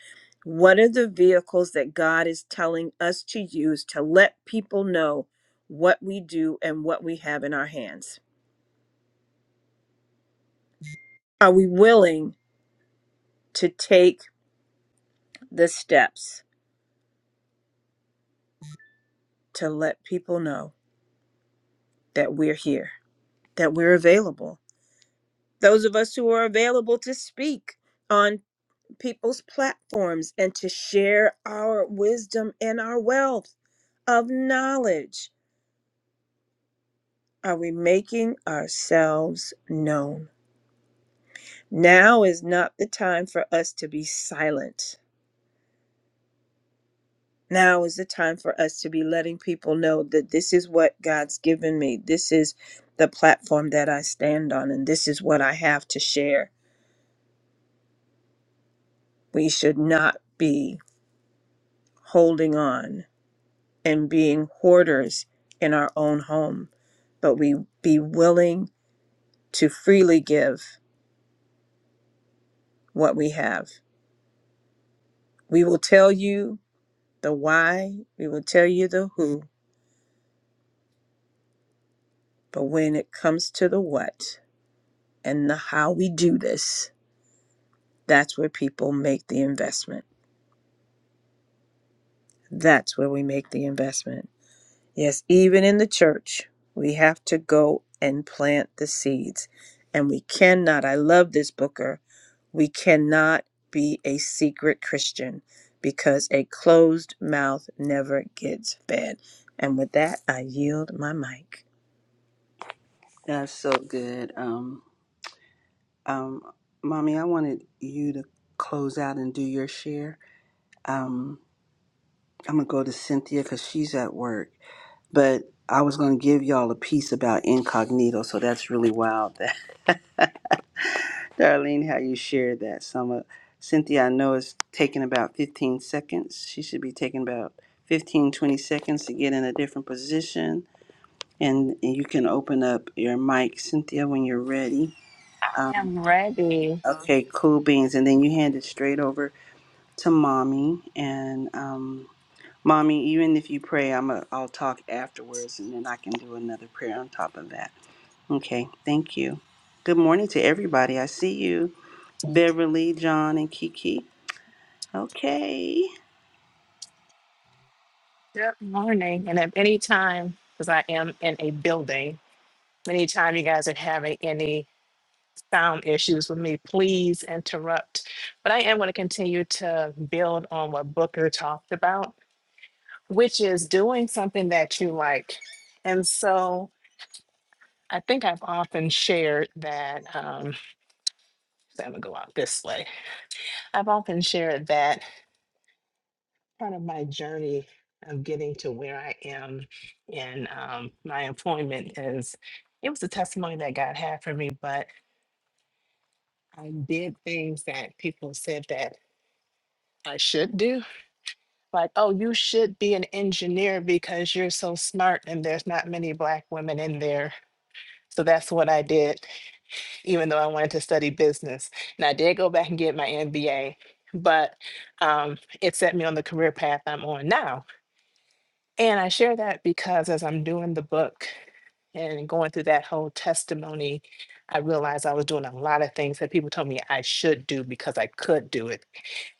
[SPEAKER 3] what are the vehicles that god is telling us to use to let people know what we do and what we have in our hands are we willing to take the steps to let people know that we're here that we're available those of us who are available to speak on people's platforms and to share our wisdom and our wealth of knowledge Are we making ourselves known? Now is not the time for us to be silent. Now is the time for us to be letting people know that this is what God's given me. This is the platform that I stand on, and this is what I have to share. We should not be holding on and being hoarders in our own home, but we be willing to freely give what we have. We will tell you The why, we will tell you the who, but when it comes to the what and the how we do this, that's where people make the investment. That's where we make the investment. Yes, even in the church, we have to go and plant the seeds. And we cannot, I love this Booker, we cannot be a secret Christian because a closed mouth never gets fed. And with that, I yield my mic.
[SPEAKER 1] That's so good. Um, um, Mommy, I wanted you to close out and do your share. um. I'm gonna go to Cynthia because she's at work. But I was gonna give y'all a piece about incognito, so that's really wild. That Darlene, how you shared that? Some of Cynthia, I know is taking about 15 seconds. She should be taking about 15, 20 seconds to get in a different position, and, and you can open up your mic, Cynthia, when you're ready.
[SPEAKER 6] i
[SPEAKER 1] Um,
[SPEAKER 6] am ready.
[SPEAKER 1] okay, cool beans, and then you hand it straight over to mommy, and um, Mommy, even if you pray, I'm a, I'll talk afterwards and then I can do another prayer on top of that. Okay, thank you. Good morning to everybody. I see you, Beverly, John, and Kiki. Okay.
[SPEAKER 6] Good morning. And if any time, because I am in a building, anytime you guys are having any sound issues with me, please interrupt. But I am going to continue to build on what Booker talked about, which is doing something that you like. And so I think I've often shared that. Um, so I'm going to go out this way. I've often shared that kind of my journey of getting to where I am in um, my employment is it was a testimony that God had for me, but I did things that people said that I should do. Like, oh, you should be an engineer because you're so smart and there's not many black women in there. So that's what I did, even though I wanted to study business. And I did go back and get my MBA, but um, it set me on the career path I'm on now And I share that because as I'm doing the book and going through that whole testimony, I realized I was doing a lot of things that people told me I should do because I could do it.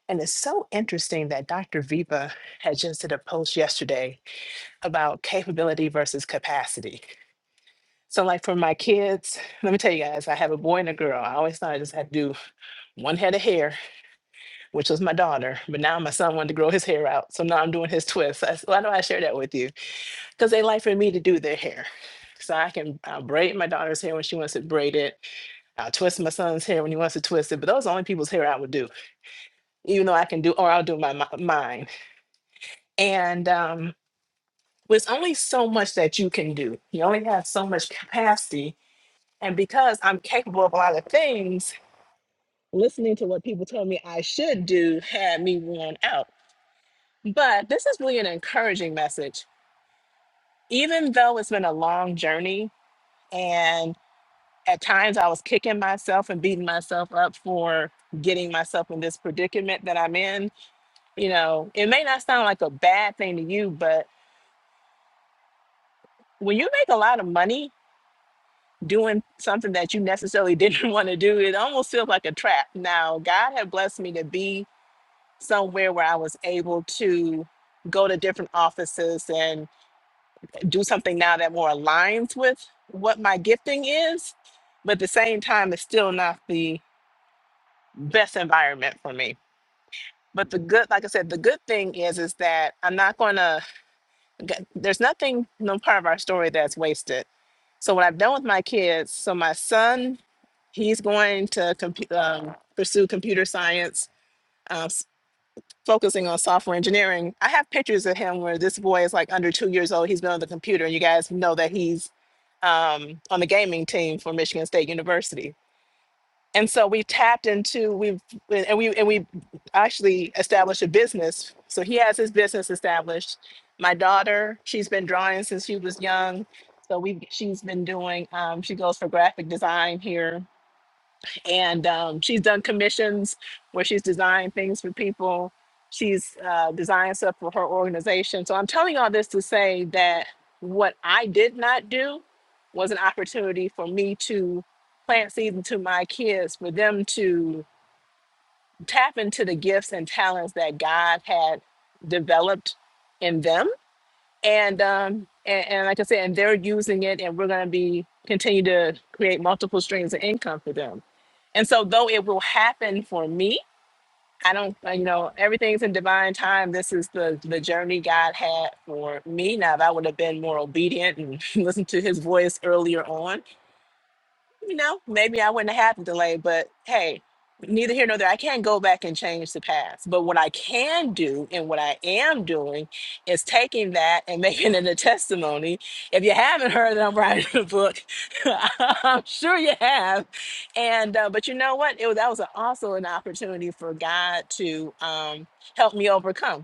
[SPEAKER 6] And it's so interesting that Dr. Viva had just did a post yesterday about capability versus capacity. So, like for my kids, let me tell you guys, I have a boy and a girl. I always thought I just had to do one head of hair, which was my daughter, but now my son wanted to grow his hair out. So now I'm doing his twist. That's- Why do I share that with you? because they like for me to do their hair. So I can I'll braid my daughter's hair when she wants to braid it. I'll twist my son's hair when he wants to twist it. But those are the only people's hair I would do, even though I can do, or I'll do my, my mine. And um, there's only so much that you can do. You only have so much capacity. And because I'm capable of a lot of things, listening to what people told me I should do had me worn out. But this is really an encouraging message. Even though it's been a long journey, and. at times I was kicking myself and beating myself up for getting myself in this predicament that I'm in. You know, it may not sound like a bad thing to you, but when you make a lot of money doing something that you necessarily didn't want to do, it almost feels like a trap. Now, God had blessed me to be somewhere where I was able to go to different offices and do something now that more aligns with what my gifting is, but at the same time, it's still not the best environment for me but the good like i said the good thing is is that i'm not going to there's nothing no part of our story that's wasted so what i've done with my kids so my son he's going to compu- um, pursue computer science uh, s- focusing on software engineering i have pictures of him where this boy is like under two years old he's been on the computer and you guys know that he's um, on the gaming team for michigan state university and so we tapped into we and we and we actually established a business so he has his business established my daughter she's been drawing since she was young so we she's been doing um, she goes for graphic design here and um, she's done commissions where she's designed things for people. She's uh, designed stuff for her organization. So I'm telling you all this to say that what I did not do was an opportunity for me to plant seeds into my kids, for them to tap into the gifts and talents that God had developed in them. And um, and, and like I said, and they're using it, and we're going to be continue to create multiple streams of income for them. And so, though it will happen for me, I don't, uh, you know, everything's in divine time. This is the the journey God had for me. Now, if I would have been more obedient and listened to His voice earlier on, you know, maybe I wouldn't have had the delay, but hey, neither here nor there. I can't go back and change the past. But what I can do and what I am doing is taking that and making it a testimony. If you haven't heard that I'm writing a book, I'm sure you have. And uh, but you know what? It was that was also an opportunity for God to um, help me overcome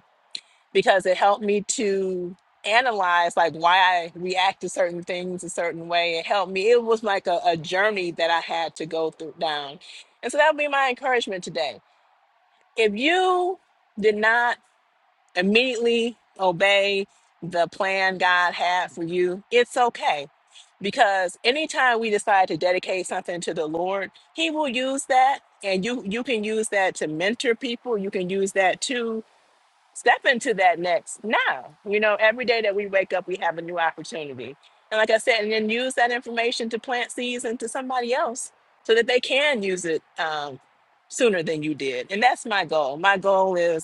[SPEAKER 6] because it helped me to analyze like why I react to certain things a certain way. It helped me. It was like a, a journey that I had to go through down. And so that would be my encouragement today. If you did not immediately obey the plan God had for you, it's okay. Because anytime we decide to dedicate something to the Lord, He will use that. And you you can use that to mentor people. You can use that too step into that next now. You know, every day that we wake up, we have a new opportunity. And like I said, and then use that information to plant seeds into somebody else so that they can use it um, sooner than you did. And that's my goal. My goal is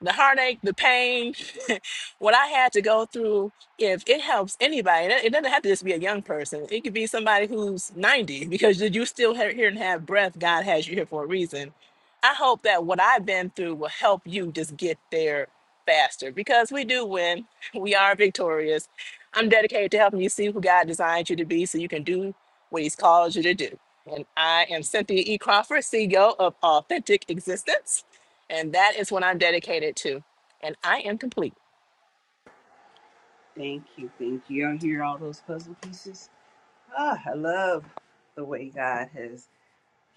[SPEAKER 6] the heartache, the pain, what I had to go through, if it helps anybody, it it doesn't have to just be a young person. It could be somebody who's 90 because you you still he- here and have breath. God has you here for a reason. I hope that what I've been through will help you just get there faster because we do win. We are victorious. I'm dedicated to helping you see who God designed you to be so you can do what He's called you to do. And I am Cynthia E. Crawford, CEO of Authentic Existence. And that is what I'm dedicated to. And I am complete.
[SPEAKER 1] Thank you, thank you. Y'all hear all those puzzle pieces? Ah, I love the way God has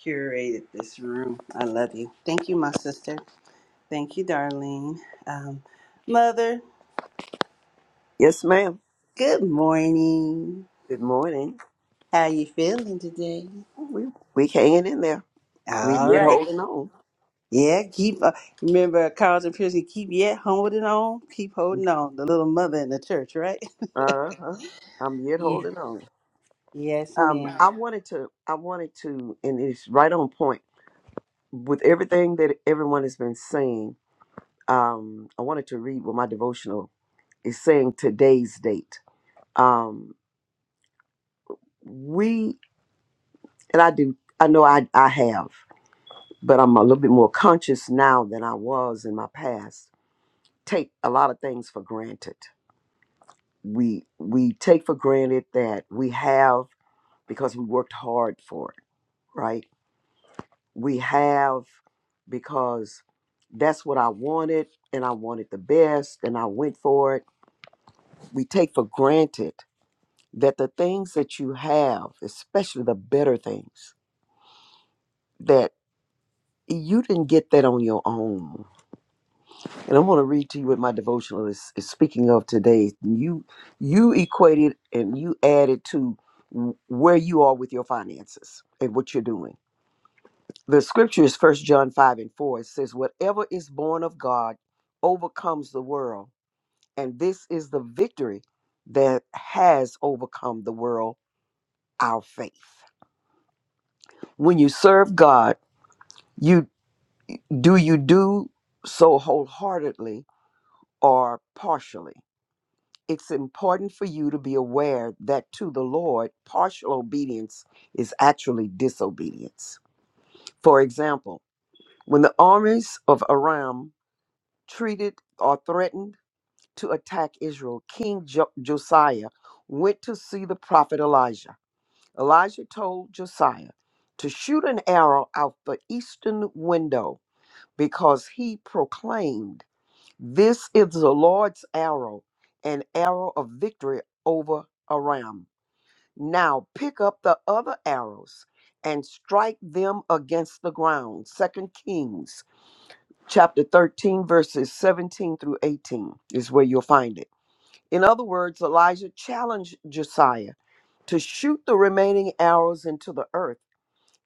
[SPEAKER 1] curated this room. I love you. Thank you, my sister. Thank you, Darlene. Um, Mother,
[SPEAKER 4] Yes, ma'am.
[SPEAKER 1] good morning.
[SPEAKER 4] Good morning.
[SPEAKER 1] How you feeling today?
[SPEAKER 4] We we hanging in there. We
[SPEAKER 1] All
[SPEAKER 4] yet
[SPEAKER 1] right.
[SPEAKER 4] holding on.
[SPEAKER 1] Yeah, keep uh, remember Carlton Pearson. Keep yet holding on. Keep holding on. The little mother in the church, right?
[SPEAKER 4] Uh huh. I'm yet
[SPEAKER 1] Yeah.
[SPEAKER 4] holding on.
[SPEAKER 1] Yes,
[SPEAKER 4] Um,
[SPEAKER 1] ma'am.
[SPEAKER 4] I wanted to. I wanted to, and it's right on point. with everything that everyone has been saying, um, I wanted to read what my devotional is saying today's date. Um, we and I do I know I, I have, but I'm a little bit more conscious now than I was in my past. Take a lot of things for granted. We we take for granted that we have because we worked hard for it, right? We have because that's what I wanted and I wanted the best and I went for it we take for granted that the things that you have, especially the better things, that you didn't get that on your own. And I want to read to you what my devotional is, is speaking of today. You you equated and you added to w- where you are with your finances and what you're doing. The scripture is First John 5 and 4. It says, Whatever is born of God overcomes the world. And this is the victory that has overcome the world, our faith. when you serve God, you do you do so wholeheartedly or partially. It's important for you to be aware that to the Lord, partial obedience is actually disobedience. For example, when the armies of Aram treated or threatened to attack Israel, King jo- Josiah went to see the prophet Elijah. Elijah told Josiah to shoot an arrow out the eastern window because he proclaimed, This is the Lord's arrow, an arrow of victory over Aram. Now pick up the other arrows and strike them against the ground. Second Kings chapter 13, verses 17 through 18 is where you'll find it. In other words, Elijah challenged Josiah to shoot the remaining arrows into the earth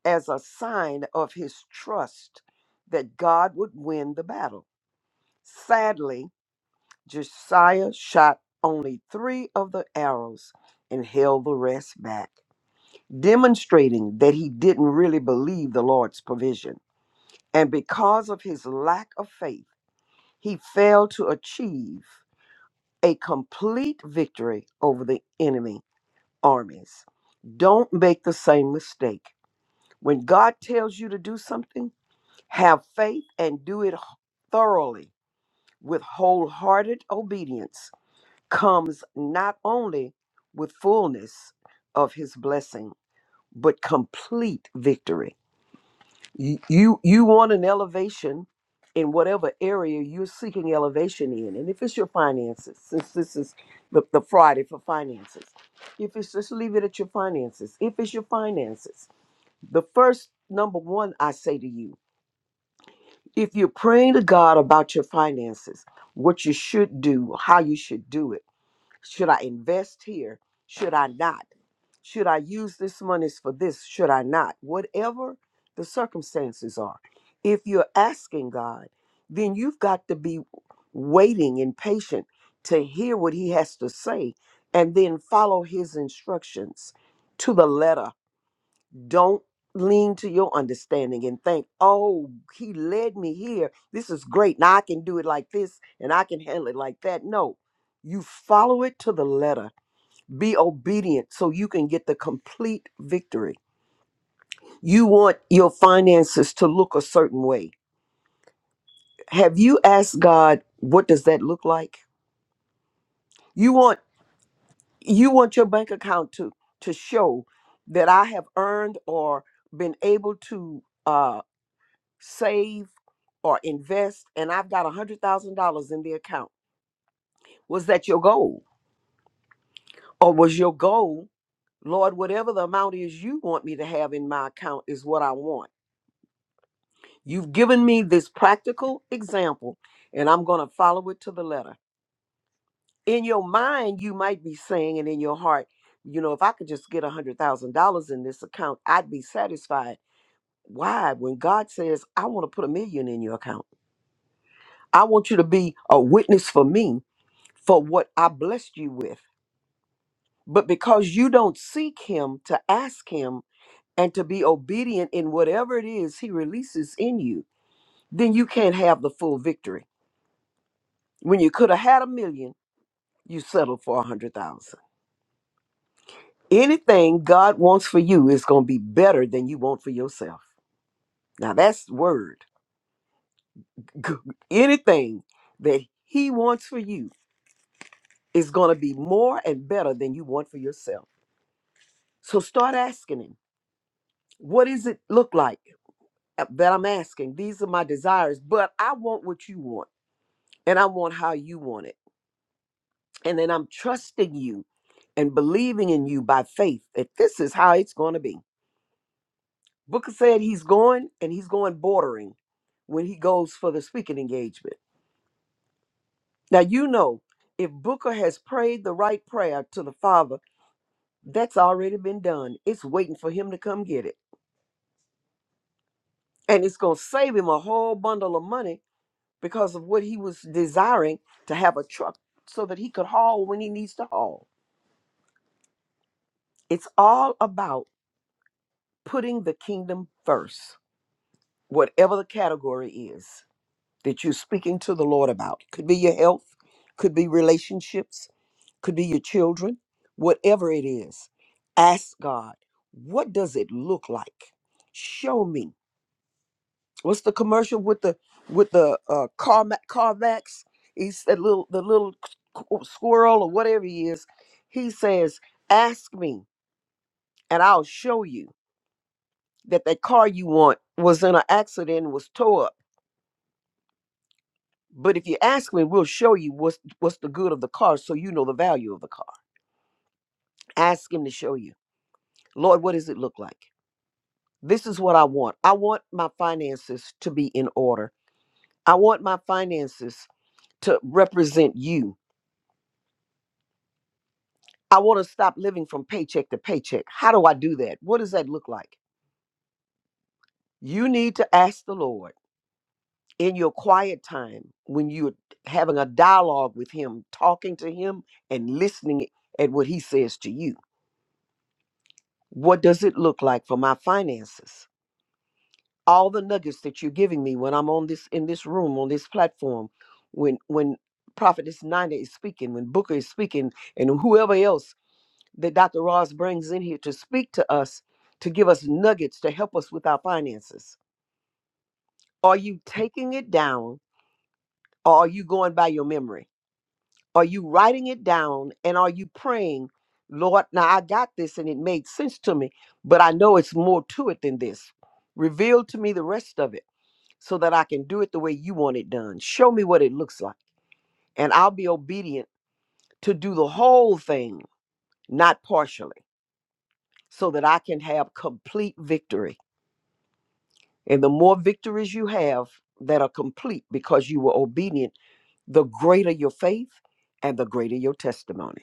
[SPEAKER 4] as a sign of his trust that God would win the battle. Sadly, Josiah shot only three of the arrows and held the rest back, demonstrating that he didn't really believe the Lord's provision. And because of his lack of faith, he failed to achieve a complete victory over the enemy armies. Don't make the same mistake. When God tells you to do something, have faith and do it thoroughly with wholehearted obedience comes not only with fullness of his blessing, but complete victory. You, you, you want an elevation in whatever area you're seeking elevation in. And if it's your finances, since this is the, the Friday for finances, if it's just leave it at your finances, if it's your finances, the first number one I say to you, if you're praying to God about your finances, what you should do, how you should do it should I invest here? Should I not? Should I use this monies for this? Should I not? Whatever the circumstances are. If you're asking God, then you've got to be waiting and patient to hear what he has to say and then follow his instructions to the letter. Don't lean to your understanding and think, oh, he led me here. This is great. Now I can do it like this and I can handle it like that. No, you follow it to the letter be obedient so you can get the complete victory. You want your finances to look a certain way. Have you asked God what does that look like? You want you want your bank account to to show that I have earned or been able to uh save or invest and I've got a hundred thousand dollars in the account. Was that your goal? Or was your goal, Lord, whatever the amount is you want me to have in my account is what I want? You've given me this practical example, and I'm going to follow it to the letter. In your mind, you might be saying, and in your heart, you know, if I could just get a $100,000 in this account, I'd be satisfied. Why? When God says, I want to put a million in your account, I want you to be a witness for me for what I blessed you with. But because you don't seek Him to ask Him and to be obedient in whatever it is He releases in you, then you can't have the full victory. When you could have had a million, you settled for a hundred thousand. Anything God wants for you is going to be better than you want for yourself. Now that's word. G- Anything that He wants for you is going to be more and better than you want for yourself. So start asking Him, what does it look like uh, that I'm asking? These are my desires, but I want what you want and I want how you want it. And then I'm trusting you and believing in you by faith that this is how it's going to be. Booker said he's going and he's going bordering when he goes for the speaking engagement. Now, you know, if Booker has prayed the right prayer to the Father, that's already been done. It's waiting for him to come get it. And it's going to save him a whole bundle of money because of what he was desiring to have a truck so that he could haul when he needs to haul. It's all about putting the kingdom first, whatever the category is. that you're speaking to the Lord about. Could be your health, could be relationships, could be your children, whatever it is. Ask God, what does it look like? Show me. What's the commercial with the with the uh, car Carmax? He's that little the little squ- squirrel or whatever he is. He says, "Ask me, and I'll show you that that car you want was in an accident and was tore up." But if you ask him, we'll show you what's what's the good of the car so you know the value of the car. Ask him to show you. Lord, what does it look like? This is what I want. I want my finances to be in order. I want my finances to represent you. I want to stop living from paycheck to paycheck. How do I do that? What does that look like? You need to ask the Lord in your quiet time when you're having a dialogue with him, talking to him and listening at what he says to you What does it look like for my finances? All the nuggets that you're giving me when I'm on this in this room, on this platform, when when Prophetess Nina is speaking, when Booker is speaking, and whoever else that Dr. Ross brings in here to speak to us, to give us nuggets to help us with our finances. Are you taking it down or are you going by your memory? Are you writing it down and are you praying, Lord, now I got this and it made sense to me, but I know it's more to it than this. Reveal to me the rest of it so that I can do it the way you want it done. Show me what it looks like and I'll be obedient to do the whole thing, not partially, so that I can have complete victory. And the more victories you have that are complete because you were obedient, the greater your faith and the greater your testimony.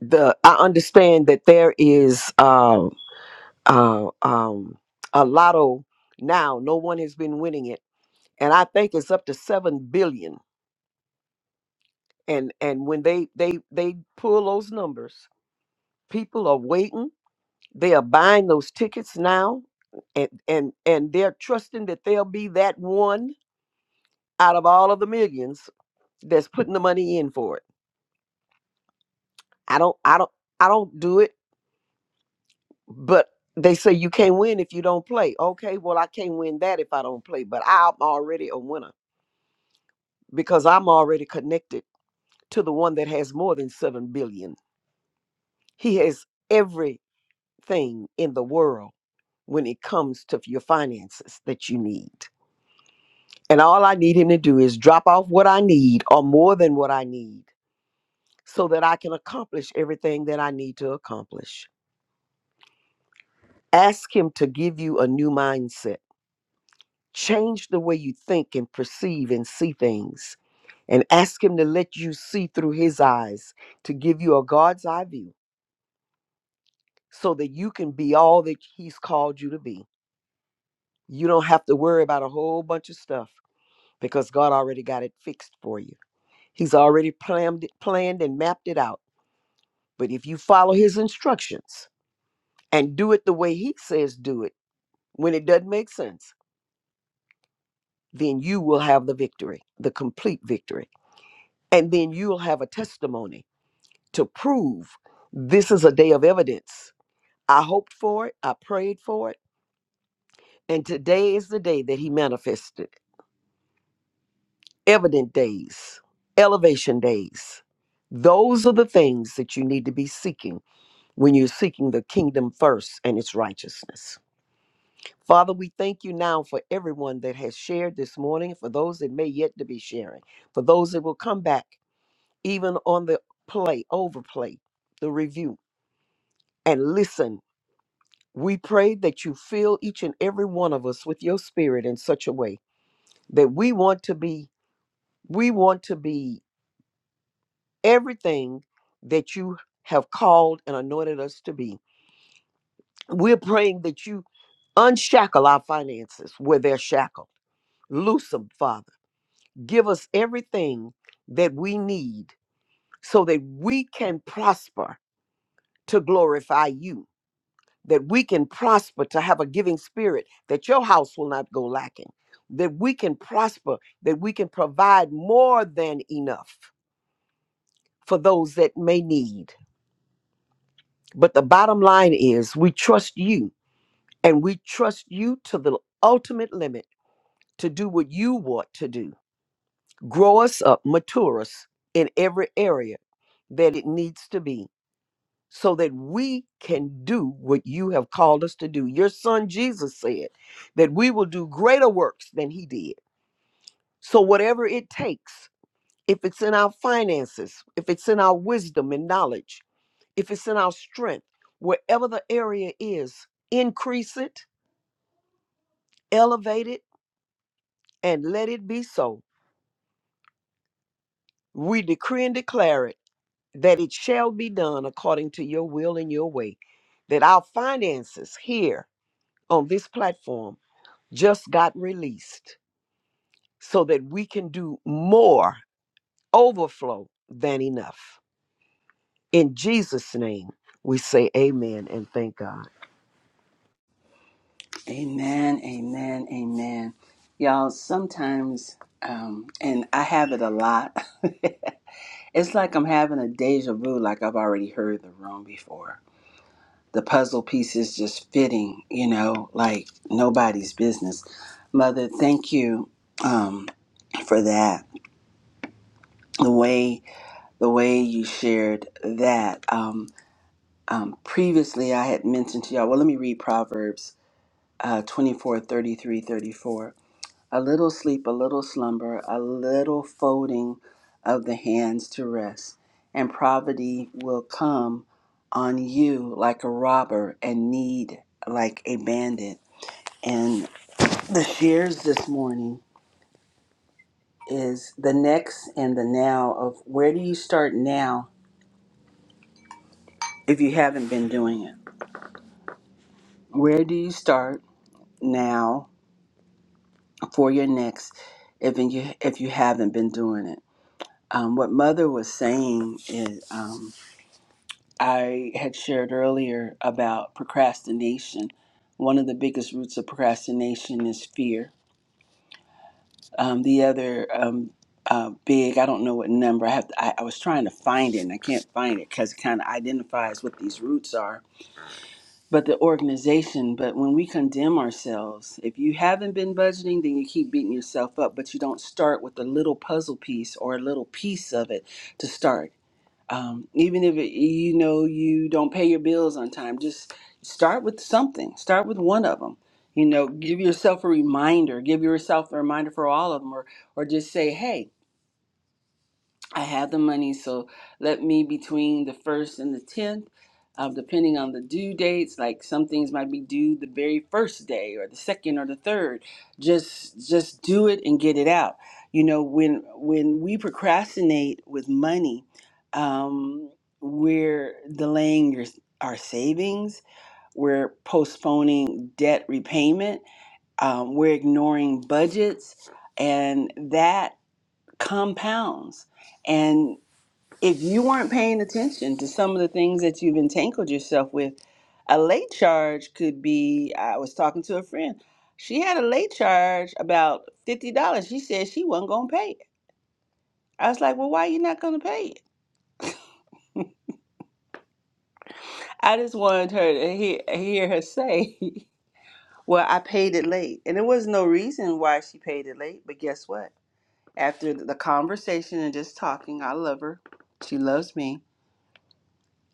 [SPEAKER 4] the I understand that there is um uh, um a lotto now. No one has been winning it, and I think it's up to seven billion. And and when they they they pull those numbers, people are waiting. They are buying those tickets now, and and and they're trusting that they'll be that one out of all of the millions that's putting the money in for it. I don't I don't I don't do it. but they say you can't win if you don't play. Okay, well I can't win that if I don't play, but I'm already a winner because I'm already connected to the one that has more than 7 billion. He has everything in the world when it comes to your finances that you need. And all I need him to do is drop off what I need or more than what I need so that I can accomplish everything that I need to accomplish. Ask him to give you a new mindset Change the way you think and perceive and see things, and ask Him to let you see through His eyes, to give you a God's eye view so that you can be all that He's called you to be. You don't have to worry about a whole bunch of stuff because God already got it fixed for you. He's already planned, it- planned and mapped it out. But if you follow His instructions and do it the way He says do it, when it doesn't make sense, then you will have the victory, the complete victory. And then you'll have a testimony to prove this is a day of evidence. I hoped for it, I prayed for it, and today is the day that he manifested. Evident days, elevation days. Those are the things that you need to be seeking when you're seeking the kingdom first and its righteousness. Father, we thank you now for everyone that has shared this morning, for those that may yet to be sharing, for those that will come back even on the play, overplay, the review, and listen We pray that you fill each and every one of us with your spirit in such a way that we want to be, we want to be everything that you have called and anointed us to be. We're praying that you unshackle our finances where they're shackled. Loose them, Father. Give us everything that we need so that we can prosper to glorify you that we can prosper to have a giving spirit, that your house will not go lacking, that we can prosper, that we can provide more than enough for those that may need. But the bottom line is we trust you and we trust you to the ultimate limit to do what you want to do. Grow us up, mature us in every area that it needs to be so that we can do what you have called us to do. Your son Jesus said that we will do greater works than he did. So, whatever it takes, if it's in our finances, if it's in our wisdom and knowledge, if it's in our strength, wherever the area is, increase it, elevate it, and let it be so. We decree and declare it that it shall be done according to your will and your way, that our finances here on this platform just got released so that we can do more overflow than enough. In Jesus' name, we say amen and thank God.
[SPEAKER 1] Amen. Amen. Amen. Y'all, sometimes, um, and I have it a lot. it's like I'm having a deja vu. Like I've already heard the room before. The puzzle pieces just fitting, you know, like nobody's business. Mother, thank you um, for that. The way. the way you shared that. Um, um, previously, I had mentioned to y'all, well, let me read Proverbs uh, 24 thirty-three, thirty-four. A little sleep, a little slumber, a little folding of the hands to rest, and poverty will come on you like a robber and need like a bandit. And the shares this morning is the next and the now of where do you start now if you haven't been doing it? Where do you start now for your next if you if you haven't been doing it? Um, what mother was saying is um, I had shared earlier about procrastination. One of the biggest roots of procrastination is fear. Um, the other um, uh, big, I don't know what number I have. To, I, I was trying to find it and I can't find it because it kind of identifies what these roots are but the organization. But when we condemn ourselves, if you haven't been budgeting, then you keep beating yourself up, but you don't start with a little puzzle piece or a little piece of it to start. Um, even if it, you know you don't pay your bills on time, just start with something. Start with one of them. You know, give yourself a reminder. Give yourself a reminder for all of them, or or just say, "Hey." I have the money, so let me between the first and the tenth, uh, depending on the due dates. Like some things might be due the very first day, or the second, or the third. Just just do it and get it out. You know, when when we procrastinate with money, um, we're delaying your, our savings. We're postponing debt repayment. Um, we're ignoring budgets, and that compounds. And if you weren't paying attention to some of the things that you've entangled yourself with, a late charge could be. I was talking to a friend. She had a late charge about fifty dollars. She said she wasn't gonna pay it. I was like, "Well, why you not gonna pay it?" I just wanted her to hear, hear her say, "Well, I paid it late," and there was no reason why she paid it late. But guess what? After the conversation and just talking, I love her. She loves me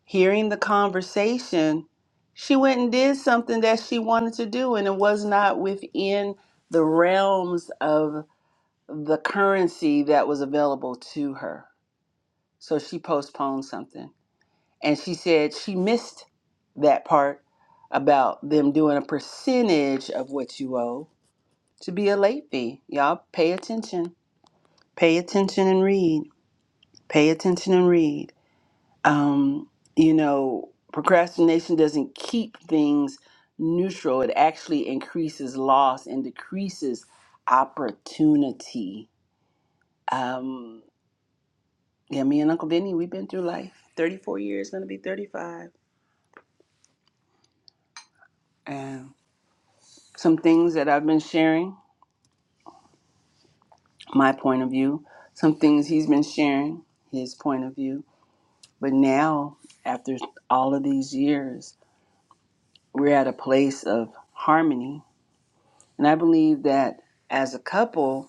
[SPEAKER 1] hearing the conversation, she went and did something that she wanted to do, and it was not within the realms of the currency that was available to her. So she postponed something. And she said she missed that part about them doing a percentage of what you owe to be a late fee. Y'all pay attention. Pay attention and read. Pay attention and read. um, you know, procrastination doesn't keep things neutral. It actually increases loss and decreases opportunity. Um, yeah, me and Uncle Vinny, we've been through life. 34 years, gonna be 35. And some things that I've been sharing, my point of view, some things he's been sharing, his point of view. But now, after all of these years, we're at a place of harmony. And I believe that as a couple,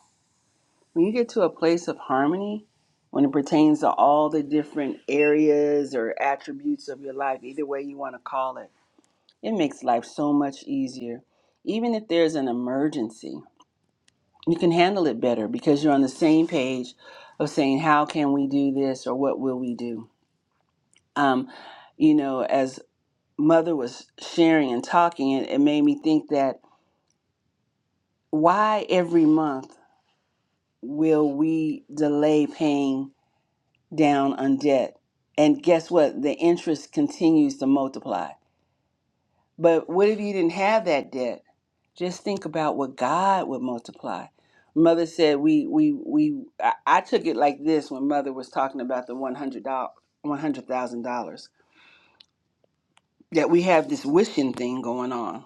[SPEAKER 1] when you get to a place of harmony when it pertains to all the different areas or attributes of your life either way you want to call it it makes life so much easier even if there's an emergency you can handle it better because you're on the same page of saying how can we do this or what will we do um, you know as mother was sharing and talking it, it made me think that why every month will we delay paying down on debt. And guess what? The interest continues to multiply. But what if you didn't have that debt? Just think about what God would multiply. Mother said we we we I, I took it like this when mother was talking about the one hundred dollars one hundred thousand dollars. That we have this wishing thing going on.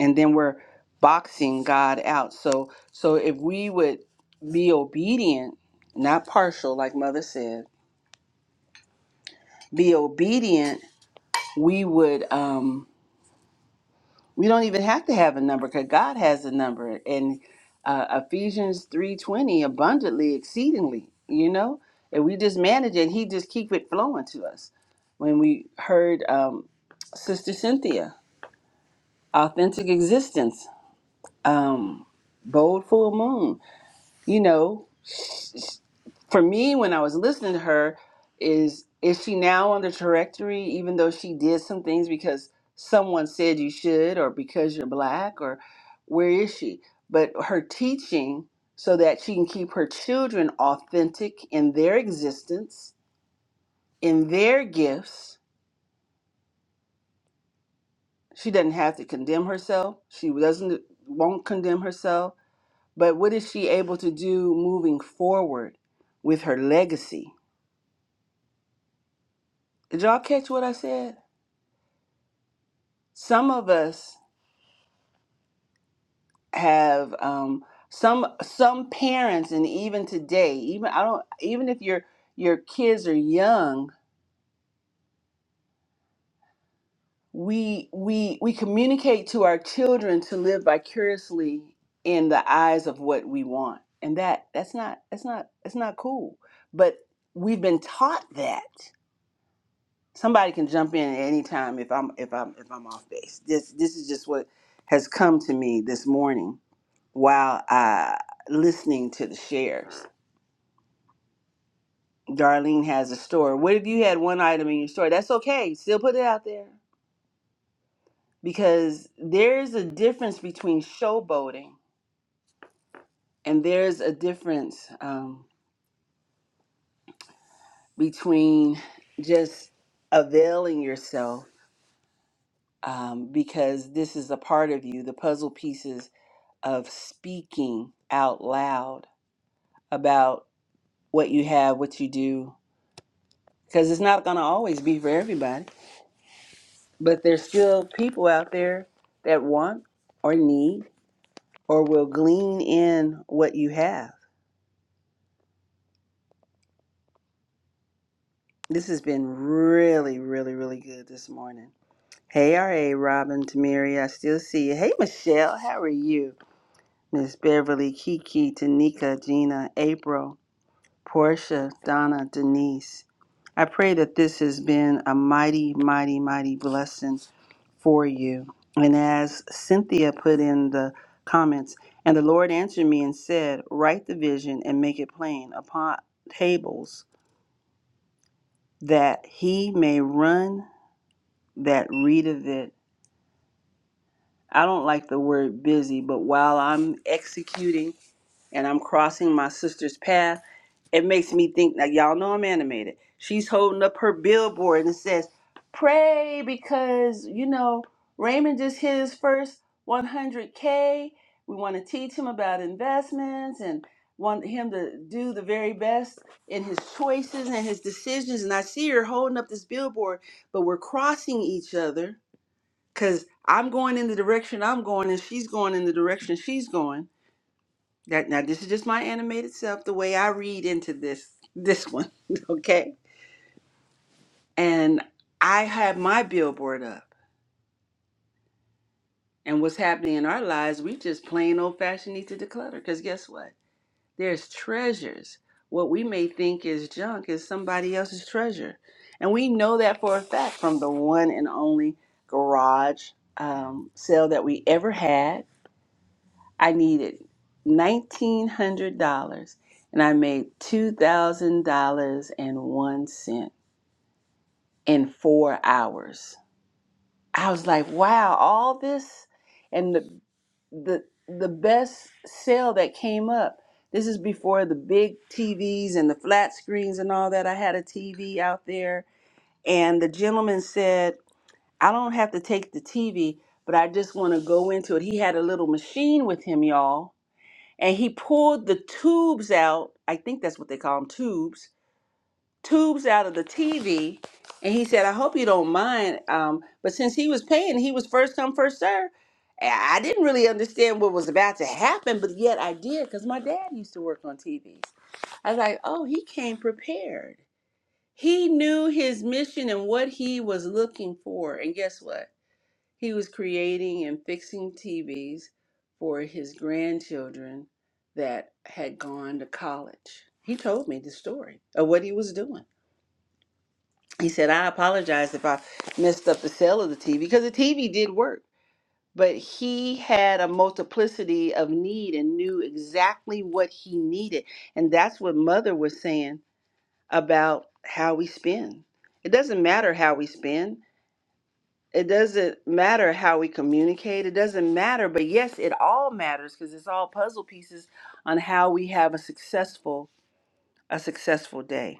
[SPEAKER 1] And then we're boxing God out. So so if we would be obedient, not partial like mother said, be obedient we would um we don't even have to have a number because god has a number and uh, ephesians 3.20 abundantly exceedingly you know and we just manage it and he just keep it flowing to us when we heard um, sister cynthia authentic existence um, bold full moon you know for me when I was listening to her is is she now on the trajectory even though she did some things because someone said you should or because you're black or where is she but her teaching so that she can keep her children authentic in their existence in their gifts she doesn't have to condemn herself she doesn't won't condemn herself but what is she able to do moving forward with her legacy did y'all catch what I said some of us have um, some some parents and even today even i don't even if your your kids are young we we we communicate to our children to live vicariously in the eyes of what we want and that that's not that's not that's not cool but we've been taught that somebody can jump in at any time if i'm if i'm if i'm off base this this is just what has come to me this morning while uh, listening to the shares. Darlene has a store. What if you had one item in your store? That's okay. Still put it out there because there's a difference between showboating and there's a difference um, between just availing yourself um, because this is a part of you, the puzzle pieces of speaking out loud about what you have, what you do, because it's not going to always be for everybody But there's still people out there that want or need or will glean in what you have. This has been really, really, really good this morning. Hey, R.A. Robin, Tamiri, I still see you. Hey, Michelle, how are you? Miss Beverly, Kiki, Tanika, Gina, April. Portia, Donna, Denise. I pray that this has been a mighty, mighty, mighty blessing for you. And as Cynthia put in the comments, and the Lord answered me and said, Write the vision and make it plain upon tables that he may run that read of it. I don't like the word busy, but while I'm executing and I'm crossing my sister's path, It makes me think now y'all know I'm animated. She's holding up her billboard and it says, "Pray because you know Raymond just hit his first 100k. We want to teach him about investments and want him to do the very best in his choices and his decisions." And I see her holding up this billboard, but we're crossing each other because I'm going in the direction I'm going and she's going in the direction she's going that now this is just my animated self, the way I read into this this one, okay? And I had my billboard up. And what's happening in our lives, we just plain old fashioned need to declutter. Because guess what? There's treasures. What we may think is junk is somebody else's treasure. And we know that for a fact from the one and only garage um, sale that we ever had I needed $1,900 and I made $2,000.01 in four hours. I was like, wow, all this and the, the, the best sale that came up. This is before the big TVs and the flat screens and all that. I had a TV out there, and the gentleman said, I don't have to take the TV, but I just want to go into it. He had a little machine with him, y'all and he pulled the tubes out. I think that's what they call them tubes, tubes out of the TV. And he said, I hope you don't mind. Um, but since he was paying, he was first come, first serve. And I didn't really understand what was about to happen, but yet I did because my dad used to work on TVs. I was like, oh, he came prepared. He knew his mission and what he was looking for. And guess what? He was creating and fixing TVs for his grandchildren that had gone to college. He told me the story of what he was doing. He said, I apologize if I messed up the sale of the TV because the TV did work, but he had a multiplicity of need and knew exactly what he needed. And that's what Mother was saying about how we spend. It doesn't matter how we spend it doesn't matter how we communicate it doesn't matter but yes it all matters because it's all puzzle pieces on how we have a successful a successful day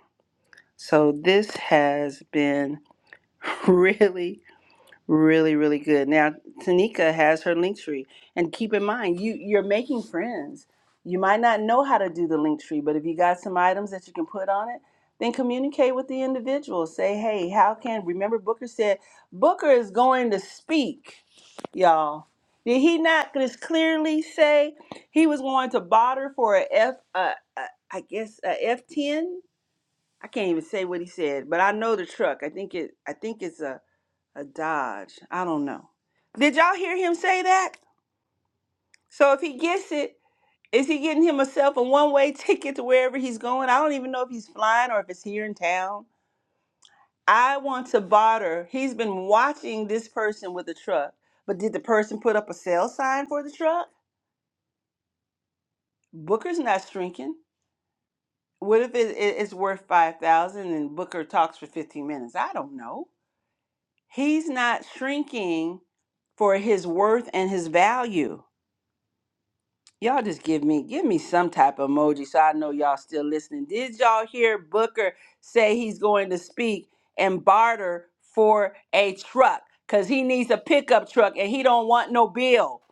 [SPEAKER 1] so this has been really Really, really good. Now, Tanika has her link tree. And keep in mind, you, you're making friends. You might not know how to do the link tree, but if you got some items that you can put on it, then communicate with the individual. Say, hey, how can, remember Booker said, Booker is going to speak, y'all. Did he not just clearly say he was going to barter for a F, uh, uh, I guess a F10? I can't even say what he said, but I know the truck. I think it. I think it's a a Dodge. I don't know. Did y'all hear him say that? So if he gets it, is he getting himself a one way ticket to wherever he's going? I don't even know if he's flying or if it's here in town. I want to barter. He's been watching this person with a truck, but did the person put up a sale sign for the truck? Booker's not shrinking. What if it, it- it's worth five thousand and Booker talks for fifteen minutes? I don't know. He's not shrinking for his worth and his value. Y'all just give me give me some type of emoji so I know y'all still listening. Did y'all hear Booker say he's going to speak and barter for a truck cuz he needs a pickup truck and he don't want no bill.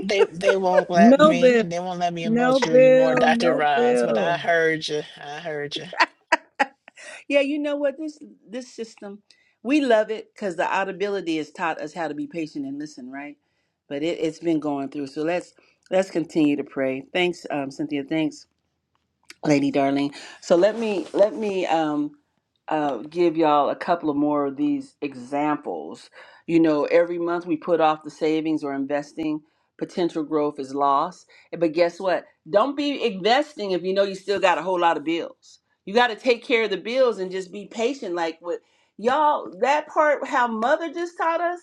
[SPEAKER 6] They they won't let me.
[SPEAKER 3] No,
[SPEAKER 6] They won't let me
[SPEAKER 3] No
[SPEAKER 6] emote you anymore,
[SPEAKER 3] bill,
[SPEAKER 6] Dr.
[SPEAKER 3] no
[SPEAKER 6] Roz. But I
[SPEAKER 3] bill.
[SPEAKER 6] heard you. I heard you.
[SPEAKER 1] Yeah, you know what this this system we love it cuz the audibility has taught us how to be patient and listen, right? But it, it's been going through. So let's let's continue to pray. Thanks um Cynthia, thanks Lady Darling. So let me let me um, uh, give y'all a couple of more of these examples. You know, every month we put off the savings or investing, potential growth is lost. But guess what? Don't be investing if you know you still got a whole lot of bills. You got to take care of the bills and just be patient. Like with y'all, that part how Mother just taught us.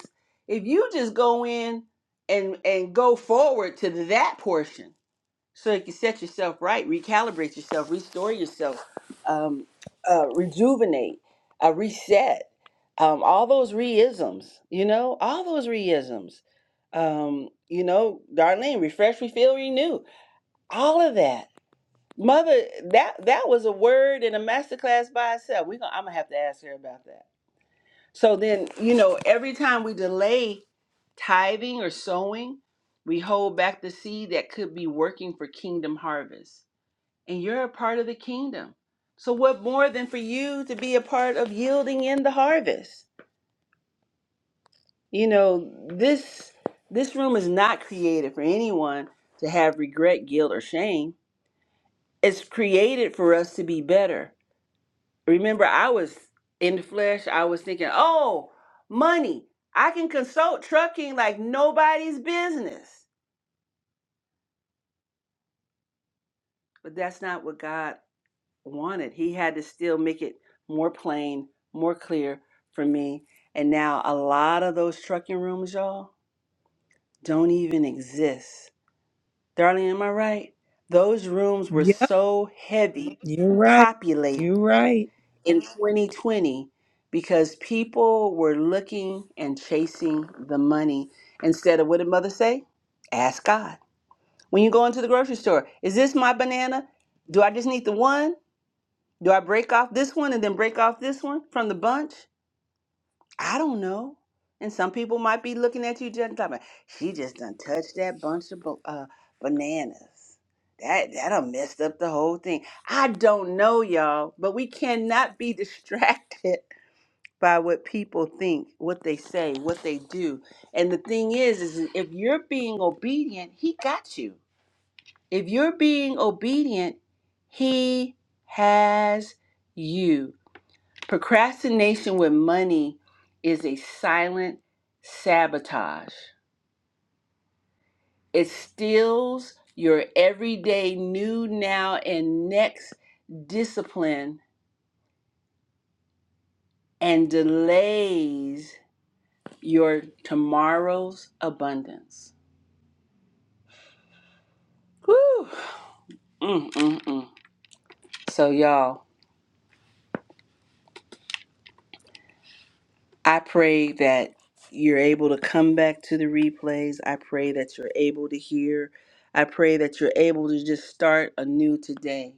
[SPEAKER 1] If you just go in and and go forward to that portion so you can set yourself right, recalibrate yourself, restore yourself, um, uh, rejuvenate, uh, reset. Um, all those reisms, you know, all those reisms. Um, you know, Darlene, refresh, refill, renew. All of that. Mother, that that was a word in a masterclass by itself. We gonna, I'm gonna have to ask her about that. So then, you know, every time we delay tithing or sowing, we hold back the seed that could be working for kingdom harvest and you're a part of the kingdom. So, what more than for you to be a part of yielding in the harvest? You know, this this room is not created for anyone to have regret, guilt, or shame. It's created for us to be better. Remember, I was in the flesh. I was thinking, oh, money. I can consult trucking like nobody's business. But that's not what God wanted. He had to still make it more plain, more clear for me. And now a lot of those trucking rooms, y'all, don't even exist. Darling, am I right? Those rooms were
[SPEAKER 3] Yep,
[SPEAKER 1] so heavy,
[SPEAKER 3] you're right.
[SPEAKER 1] populate
[SPEAKER 3] You're right.
[SPEAKER 1] in 2020 because people were looking and chasing the money instead of what did mother say? Ask God. When you go into the grocery store, is this my banana? Do I just need the one? Do I break off this one and then break off this one from the bunch? I don't know. And some people might be looking at you just like, she just done touched that bunch of bo- uh, bananas. That that done messed up the whole thing. I don't know, y'all, but we cannot be distracted by what people think, what they say, what they do. And the thing is, is if you're being obedient, he got you. If you're being obedient, he has you. Procrastination with money is a silent sabotage. It steals your everyday new, now, and next discipline and delays your tomorrow's abundance. Whew. Mm, mm, mm. So, y'all, I pray that you're able to come back to the replays. I pray that you're able to hear. I pray that you're able to just start anew today.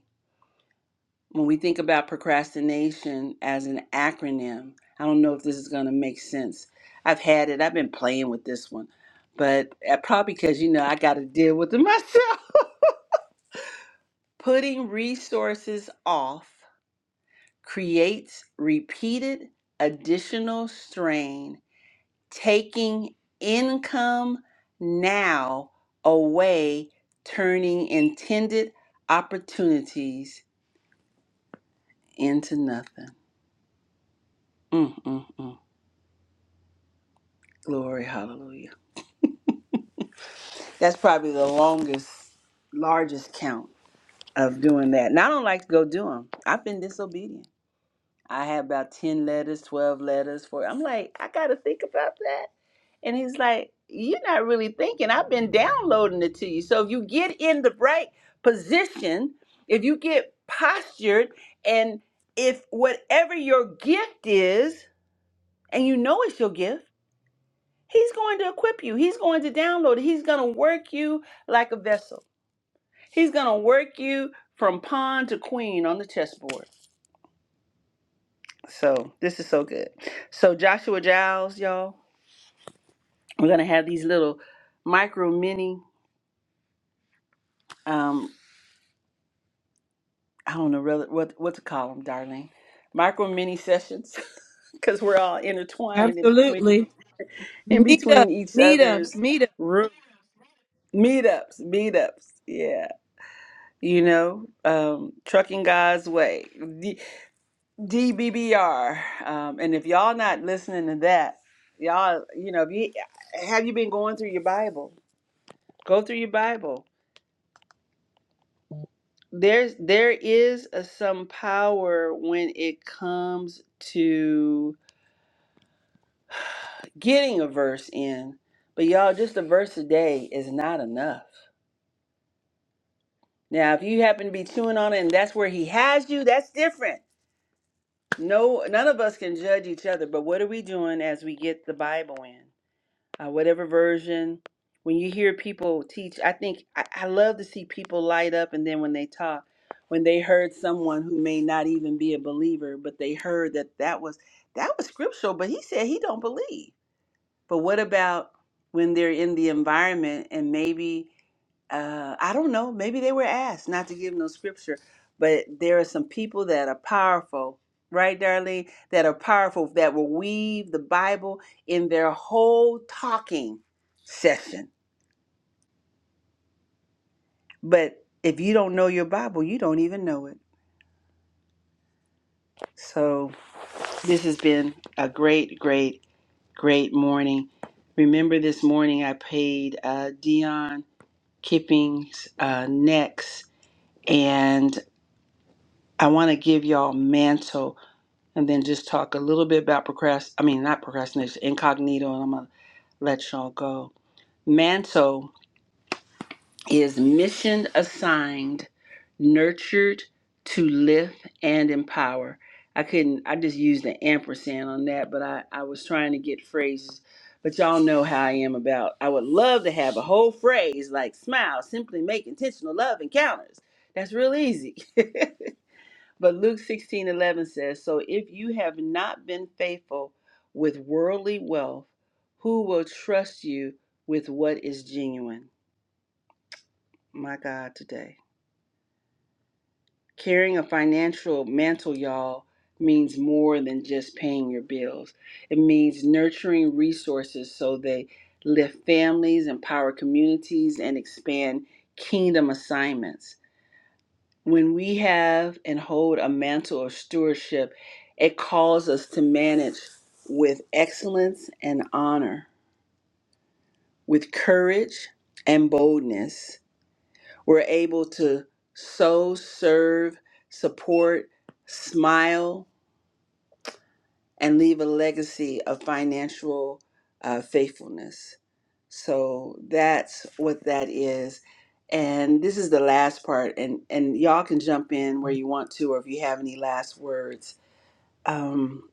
[SPEAKER 1] when we think about procrastination as an acronym, I don't know if this is going to make sense. I've had it, I've been playing with this one, but uh, probably because, you know, I got to deal with it myself. Putting resources off creates repeated additional strain, taking income now away, turning intended opportunities into nothing. Mm, mm, mm. Glory, hallelujah. That's probably the longest, largest count of doing that. And I don't like to go do them. I've been disobedient. I had about 10 letters, 12 letters for I'm like, I got to think about that. And he's like, You're not really thinking. I've been downloading it to you. So if you get in the right position, if you get postured, and if whatever your gift is, and you know it's your gift, he's going to equip you, he's going to download it, he's going to work you like a vessel. He's going to work you from pawn to queen on the chessboard. So this is so good. So Joshua Giles, y'all, we're going to have these little micro mini, um, I don't know rel- what, what to call them, darling, micro mini sessions because we're all intertwined in between,
[SPEAKER 3] Absolutely.
[SPEAKER 1] in
[SPEAKER 3] Meetups,
[SPEAKER 1] between each other's
[SPEAKER 3] meetups, meetups.
[SPEAKER 1] room. Meetups, meetups, yeah. You know, um, trucking God's way. DBBR. Um, and if y'all not listening to that, y'all, you know, if you have you been going through your Bible? Go through your Bible. There's there is a, some power when it comes to getting a verse in, but y'all, just a verse a day is not enough. Now, if you happen to be chewing on it and that's where he has you, that's different. No, none of us can judge each other, but what are we doing as we get the Bible in? uh, whatever version. When you hear people teach, I think I, I love to see people light up, and then when they talk, when they heard someone who may not even be a believer, but they heard that that was that was scriptural, but he said he don't believe. But what about when they're in the environment and maybe uh, I don't know, maybe they were asked not to give no scripture, but there are some people that are powerful, right, Darlene, that are powerful that will weave the Bible in their whole talking session. But if you don't know your Bible, you don't even know it. So this has been a great, great, great morning. Remember this morning I paid uh, Dion. keeping uh, next. And I want to give y'all mantle and then just talk a little bit about procrast. I mean, not procrastination, incognito, and I'm going to let y'all go. Mantle. is mission assigned, nurtured to lift and empower. I couldn't, I just used the ampersand on that, but I, I was trying to get phrases. But y'all know how I am about, I would love to have a whole phrase like smile, simply make intentional love encounters. That's real easy. but Luke 16 11 says, So if you have not been faithful with worldly wealth, who will trust you with what is genuine? My God, today. Carrying a financial mantle, y'all, means more than just paying your bills. It means nurturing resources so they lift families, empower communities, and expand kingdom assignments. When we have and hold a mantle of stewardship, it calls us to manage with excellence and honor, with courage and boldness. We're able to sow, serve, support, smile, and leave a legacy of financial uh, faithfulness. So that's what that is. And this is the last part, and, and y'all can jump in where you want to, or if you have any last words. Um,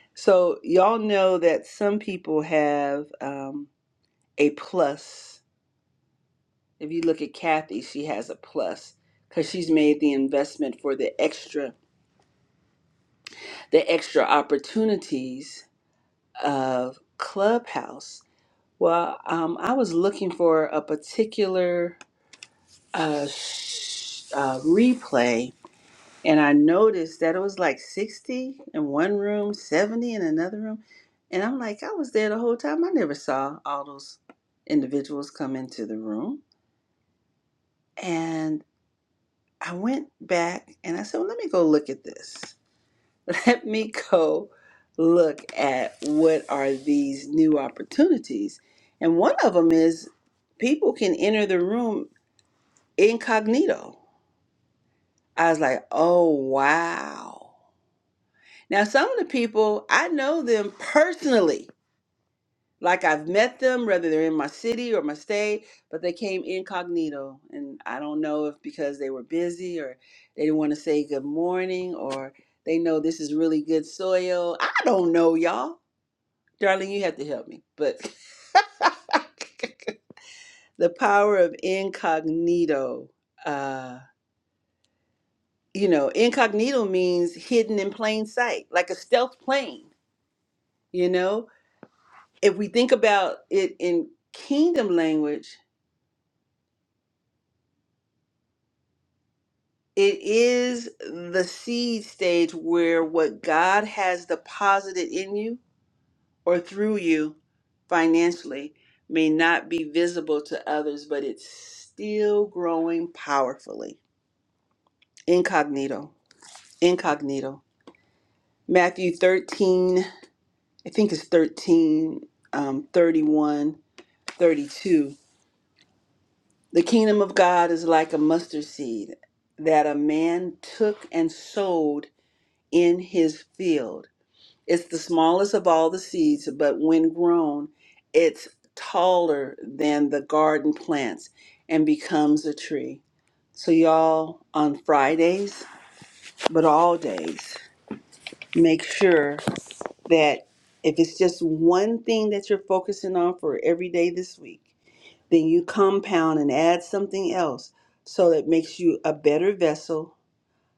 [SPEAKER 1] so, y'all know that some people have um, a plus. If you look at Kathy, she has a plus because she's made the investment for the extra, the extra opportunities of Clubhouse Well, um, I was looking for a particular uh, sh- uh, replay, and I noticed that it was like 60 in one room, 70 in another room. And I'm like, I was there the whole time. I never saw all those individuals come into the room. And I went back and I said, well, let me go look at this. Let me go look at what are these new opportunities. And one of them is people can enter the room incognito. I was like, oh, wow. Now, some of the people, I know them personally. Like I've met them, whether they're in my city or my state, but they came incognito. And I don't know if because they were busy or they didn't want to say good morning or they know this is really good soil. I don't know, y'all. Darling, you have to help me. But the power of incognito. Uh, you know, incognito means hidden in plain sight, like a stealth plane, you know? If we think about it in kingdom language, it is the seed stage where what God has deposited in you or through you financially may not be visible to others, but it's still growing powerfully. Incognito, incognito. Matthew 13, I think it's 13, um, 31 32. The kingdom of God is like a mustard seed that a man took and sowed in his field. It's the smallest of all the seeds, but when grown, it's taller than the garden plants and becomes a tree. So, y'all, on Fridays, but all days, make sure that if it's just one thing that you're focusing on for every day this week, Then you compound and add something else so it makes you a better vessel,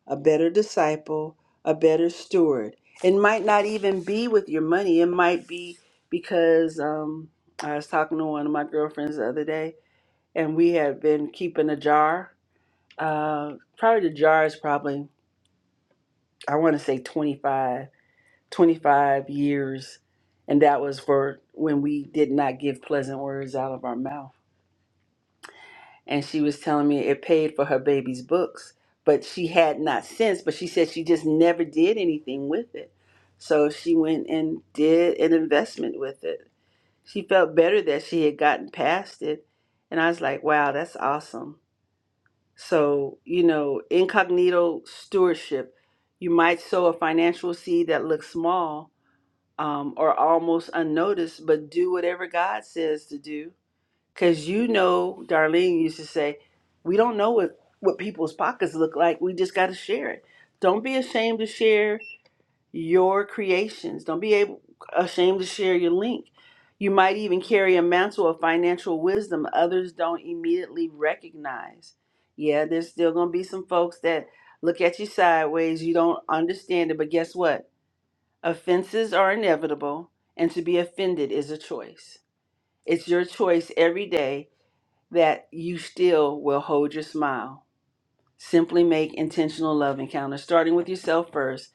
[SPEAKER 1] a better disciple, a better steward. It might not even be with your money, it might be because um, I was talking to one of my girlfriends the other day, and we had been keeping a jar. Uh, probably the jar is probably, I want to say 25, 25 years. And that was for when we did not give pleasant words out of our mouth and she was telling me it paid for her baby's books, but she had not since, but she said she just never did anything with it. So she went and did an investment with it. She felt better that she had gotten past it. And I was like, wow, that's awesome. So, you know, incognito stewardship, you might sow a financial seed that looks small um, or almost unnoticed, but do whatever God says to do because you know, Darlene used to say, we don't know what, what people's pockets look like. We just got to share it. Don't be ashamed to share your creations. Don't be able, ashamed to share your link. You might even carry a mantle of financial wisdom others don't immediately recognize. Yeah, there's still going to be some folks that look at you sideways. You don't understand it. But guess what? Offenses are inevitable, and to be offended is a choice. It's your choice every day that you still will hold your smile. Simply make intentional love encounters, starting with yourself first,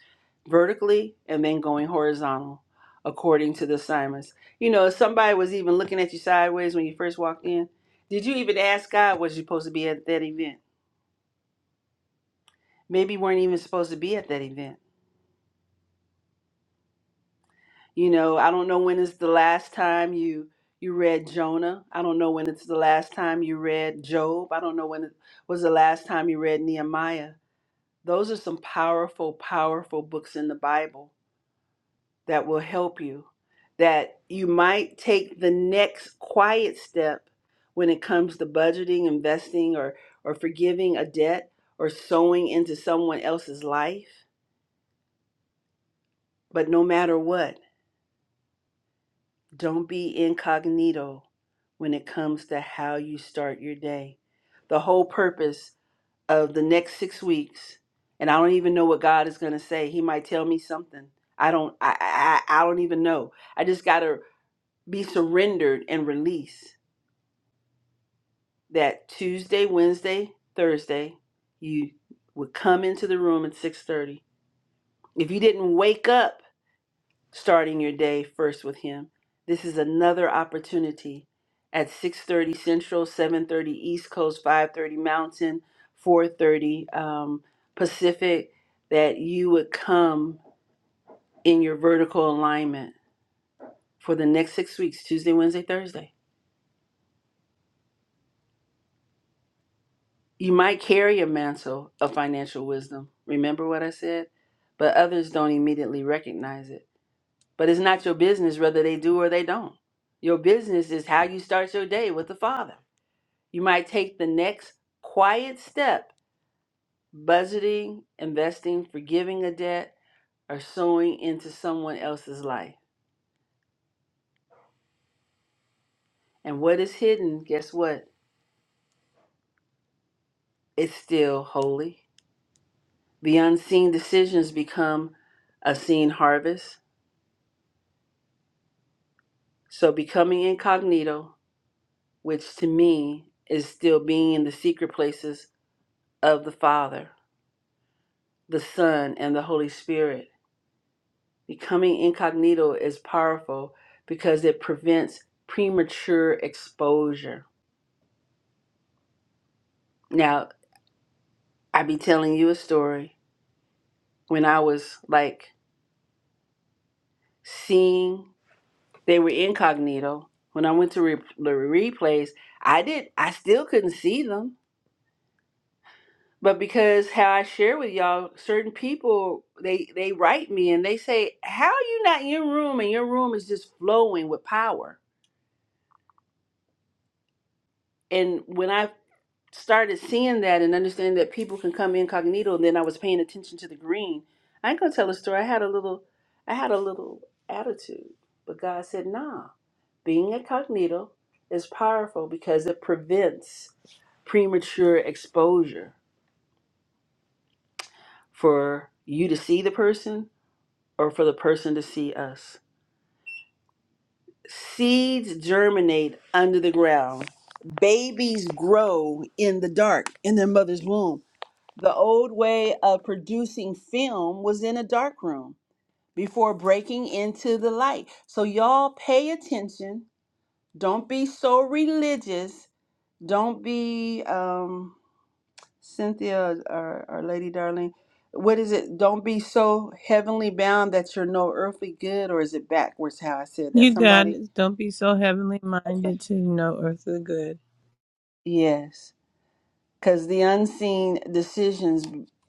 [SPEAKER 1] vertically, and then going horizontal, according to the assignments. You know, if somebody was even looking at you sideways when you first walked in, did you even ask God, was you supposed to be at that event? Maybe you weren't even supposed to be at that event. You know, I don't know when is the last time you you read Jonah. I don't know when it's the last time you read Job. I don't know when it was the last time you read Nehemiah Those are some powerful, powerful books in the Bible that will help you. That you might take the next quiet step when it comes to budgeting, investing, or, or forgiving a debt or sowing into someone else's life. But no matter what, don't be incognito when it comes to how you start your day. The whole purpose of the next six weeks, and I don't even know what God is going to say. He might tell me something. I don't. I, I. I I don't even know. I just got to be surrendered and release that Tuesday, Wednesday, Thursday. You would come into the room at six thirty. If you didn't wake up starting your day first with him. This is another opportunity at 6:30 Central, 7:30 East Coast, 5:30 Mountain, 4:30 um, Pacific that you would come in your vertical alignment for the next 6 weeks, Tuesday, Wednesday, Thursday. You might carry a mantle of financial wisdom. Remember what I said? But others don't immediately recognize it. But it's not your business whether they do or they don't. Your business is how you start your day with the Father. You might take the next quiet step, budgeting, investing, forgiving a debt, or sowing into someone else's life. And what is hidden, guess what? It's still holy. The unseen decisions become a seen harvest. So, becoming incognito, which to me is still being in the secret places of the Father, the Son, and the Holy Spirit Becoming incognito is powerful because it prevents premature exposure. Now, I be telling you a story. When I was like seeing they were incognito, when I went to re- the replays, I did I still couldn't see them. But because how I share with y'all, certain people they they write me and they say, "How are you not in your room and your room is just flowing with power." And when I started seeing that and understanding that people can come incognito and then I was paying attention to the green. I ain't gonna tell a story. I had a little I had a little attitude, but God said, nah, being incognito is powerful because it prevents premature exposure for you to see the person or for the person to see us. Seeds germinate under the ground. Babies grow in the dark in their mother's womb. The old way of producing film was in a dark room before breaking into the light. So y'all pay attention. Don't be so religious. Don't be um, Cynthia or, or Lady Darling. What is it? Don't be so heavenly bound that you're no earthly good, or is it backwards how I said that?
[SPEAKER 3] You got
[SPEAKER 1] Somebody?
[SPEAKER 3] it. Don't be so heavenly
[SPEAKER 1] Okay.
[SPEAKER 3] minded to no earthly good.
[SPEAKER 1] Yes. because the unseen decisions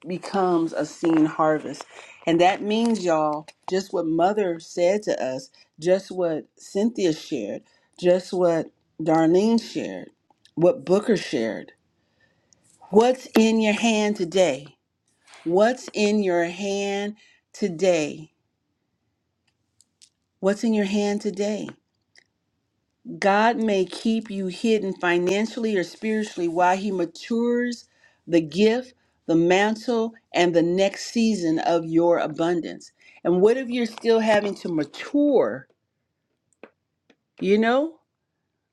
[SPEAKER 1] becomes a seen harvest and that means y'all just what mother said to us just what cynthia shared just what darlene shared what booker shared what's in your hand today what's in your hand today what's in your hand today God may keep you hidden financially or spiritually while He matures the gift, the mantle, and the next season of your abundance. And what if you're still having to mature, you know?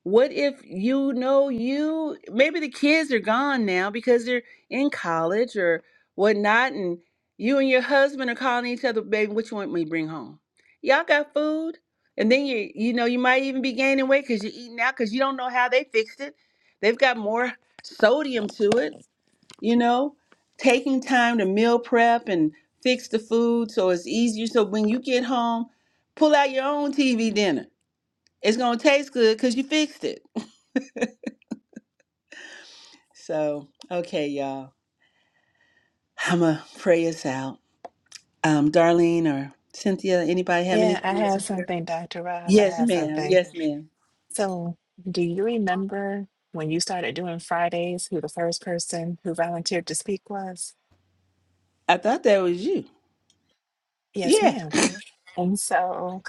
[SPEAKER 1] What if you know you maybe the kids are gone now because they're in college or whatnot, and you and your husband are calling each other, baby, what you want me to bring home? Y'all got food? And then you you know you might even be gaining weight because you're eating out because you don't know how they fixed it. They've got more sodium to it, you know. Taking time to meal prep and fix the food so it's easier. So when you get home, pull out your own TV dinner. It's gonna taste good because you fixed it So, okay, y'all. I'm going to pray us out. Um, Darlene or Cynthia, anybody have
[SPEAKER 6] Yeah, I
[SPEAKER 1] anything else
[SPEAKER 6] have
[SPEAKER 1] to share?
[SPEAKER 6] something, Dr. Roz. I
[SPEAKER 1] Yes,
[SPEAKER 6] have
[SPEAKER 1] ma'am.
[SPEAKER 6] something.
[SPEAKER 1] Yes, ma'am.
[SPEAKER 6] So, do you remember when you started doing Fridays? Who the first person who volunteered to speak was?
[SPEAKER 1] I thought that was you.
[SPEAKER 6] Yes,
[SPEAKER 1] Yeah.
[SPEAKER 6] ma'am. And so,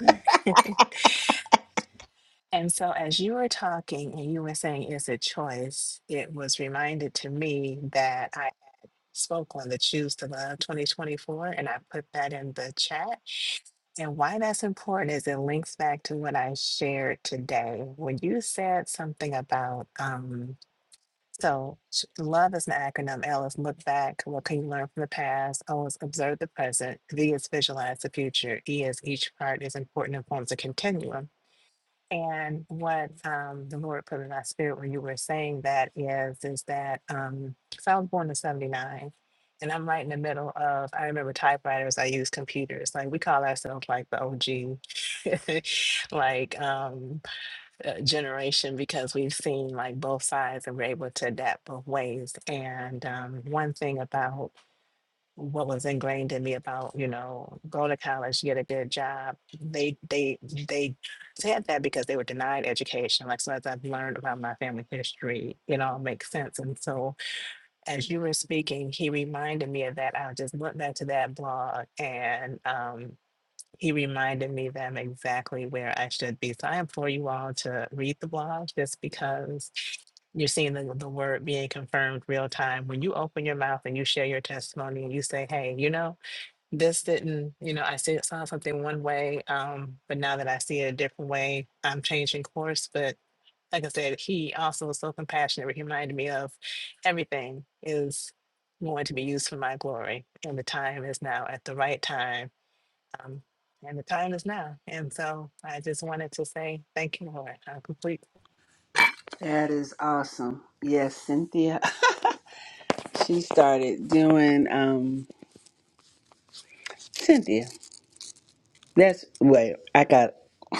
[SPEAKER 6] and so, as you were talking and you were saying it's a choice, it was reminded to me that spoke on the Choose to Love 2024, and I put that in the chat. And why that's important is it links back to what I shared today. When you said something about, um, so ch- love is an acronym. L is look back. What can you learn from the past? O is observe the present. V is visualize the future. E is each part is important and forms a continuum. And what um, the Lord put in my spirit when you were saying that is, is that um, because I was born in '79, and I'm right in the middle of. I remember typewriters. I used computers. Like we call ourselves like the OG, like um, uh, generation because we've seen like both sides and we're able to adapt both ways. And um, one thing about what was ingrained in me about you know go to college get a good job they they they said that because they were denied education like so as i've learned about my family history it all makes sense and so as you were speaking he reminded me of that i just went back to that blog and um he reminded me that I'm exactly where I should be. So I implore you all to read the blog just because you're seeing the, the word being confirmed real time. When you open your mouth and you share your testimony and you say, hey, you know, this didn't, you know, I see, saw something one way, um, but now that I see it a different way, I'm changing course. But like I said, he also was so compassionate. He reminded me of everything is going to be used for my glory. And the time is now at the right time um, and the time is now. And so I just wanted to say thank you, Lord. I complete
[SPEAKER 1] That is awesome. Yes, Cynthia. She started doing um Cynthia. That's wait, I got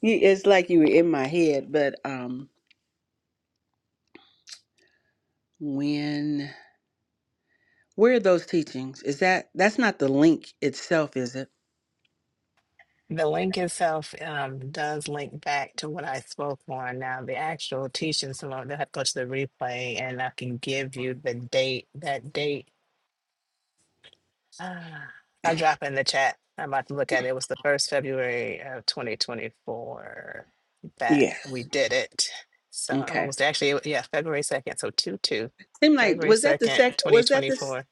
[SPEAKER 1] you- it's like you were in my head, but um when where are those teachings? Is that that's not the link itself, is it?
[SPEAKER 6] the link itself um, does link back to what I spoke on. Now, the actual teaching, so they'll have to go to the replay and I can give you the date. That date, ah, I'll drop it in the chat. I'm about to look at it. It was the first February of 2024 that we
[SPEAKER 1] Yes.
[SPEAKER 6] did it. So I'm
[SPEAKER 1] Okay.
[SPEAKER 6] almost actually, yeah, February 2nd. So 2 2,
[SPEAKER 1] Seemed like
[SPEAKER 6] February
[SPEAKER 1] was that the
[SPEAKER 6] 2nd,
[SPEAKER 1] second? Was that the
[SPEAKER 6] 2024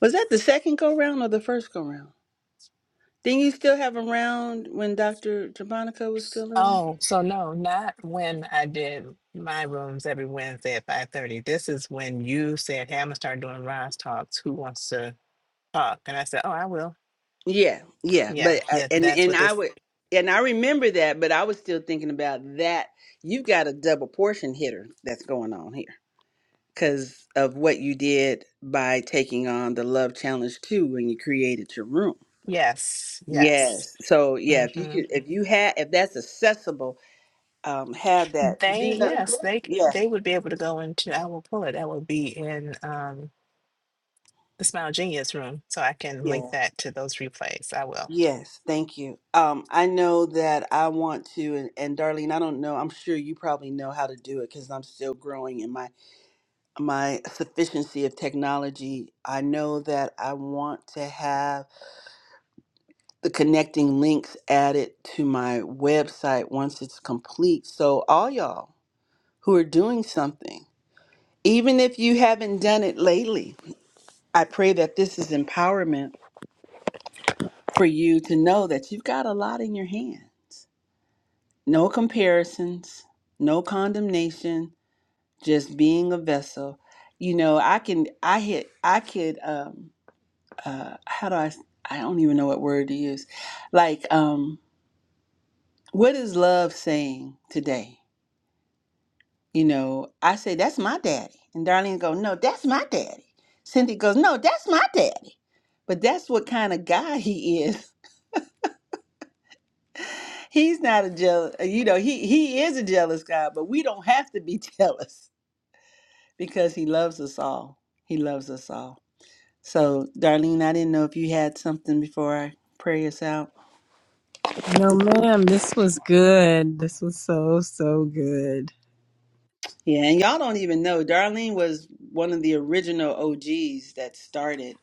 [SPEAKER 1] Was that the second go round or the first go round? Didn't you still have a round when Doctor Jabonica was still living?
[SPEAKER 6] Oh, so no, not when I did my rooms every Wednesday at five thirty. This is when you said, "Hey, I'm gonna start doing Ron's talks. Who wants to talk?" And I said, "Oh, I will."
[SPEAKER 1] Yeah, yeah,
[SPEAKER 6] Yeah,
[SPEAKER 1] but I-
[SPEAKER 6] yeah,
[SPEAKER 1] and
[SPEAKER 6] that's
[SPEAKER 1] and
[SPEAKER 6] what
[SPEAKER 1] I
[SPEAKER 6] this.
[SPEAKER 1] would and I remember that, but I was still thinking about that. You've got a double portion hitter that's going on here because of what you did by taking on the Love Challenge too when you created your room.
[SPEAKER 6] Yes, yes.
[SPEAKER 1] Yes, so yeah, if you
[SPEAKER 6] hmm
[SPEAKER 1] could, if you had, if that's accessible, um, have that
[SPEAKER 6] They,
[SPEAKER 1] Gina.
[SPEAKER 6] yes, they c-
[SPEAKER 1] Yeah,
[SPEAKER 6] they would be able to go into. I will pull it. That will be in um the Smile Genius room, so I can
[SPEAKER 1] yeah.
[SPEAKER 6] link that to those replays. I will.
[SPEAKER 1] Yes, thank you. Um, I know that I want to, and, and Darlene, I don't know. I'm sure you probably know how to do it because I'm still growing in my my sufficiency of technology. I know that I want to have the connecting links added to my website once it's complete. So all y'all who are doing something, even if you haven't done it lately, I pray that this is empowerment for you to know that you've got a lot in your hands No comparisons, no condemnation, just being a vessel. You know, I can, I hit, I could, um, uh, how do I, s- I don't even know what word to use. Like, um, what is love saying today? You know, I say, that's my daddy. And Darlene go, no, that's my daddy. Cindy goes, no, that's my daddy. But that's what kind of guy he is. He's not a jealous, you know, he, he is a jealous guy, but we don't have to be jealous because he loves us all. He loves us all. So, Darlene, I didn't know if you had something before I pray us out.
[SPEAKER 3] No, ma'am. This was good. This was so so good.
[SPEAKER 1] Yeah, and y'all don't even know. Darlene was one of the original OGs that started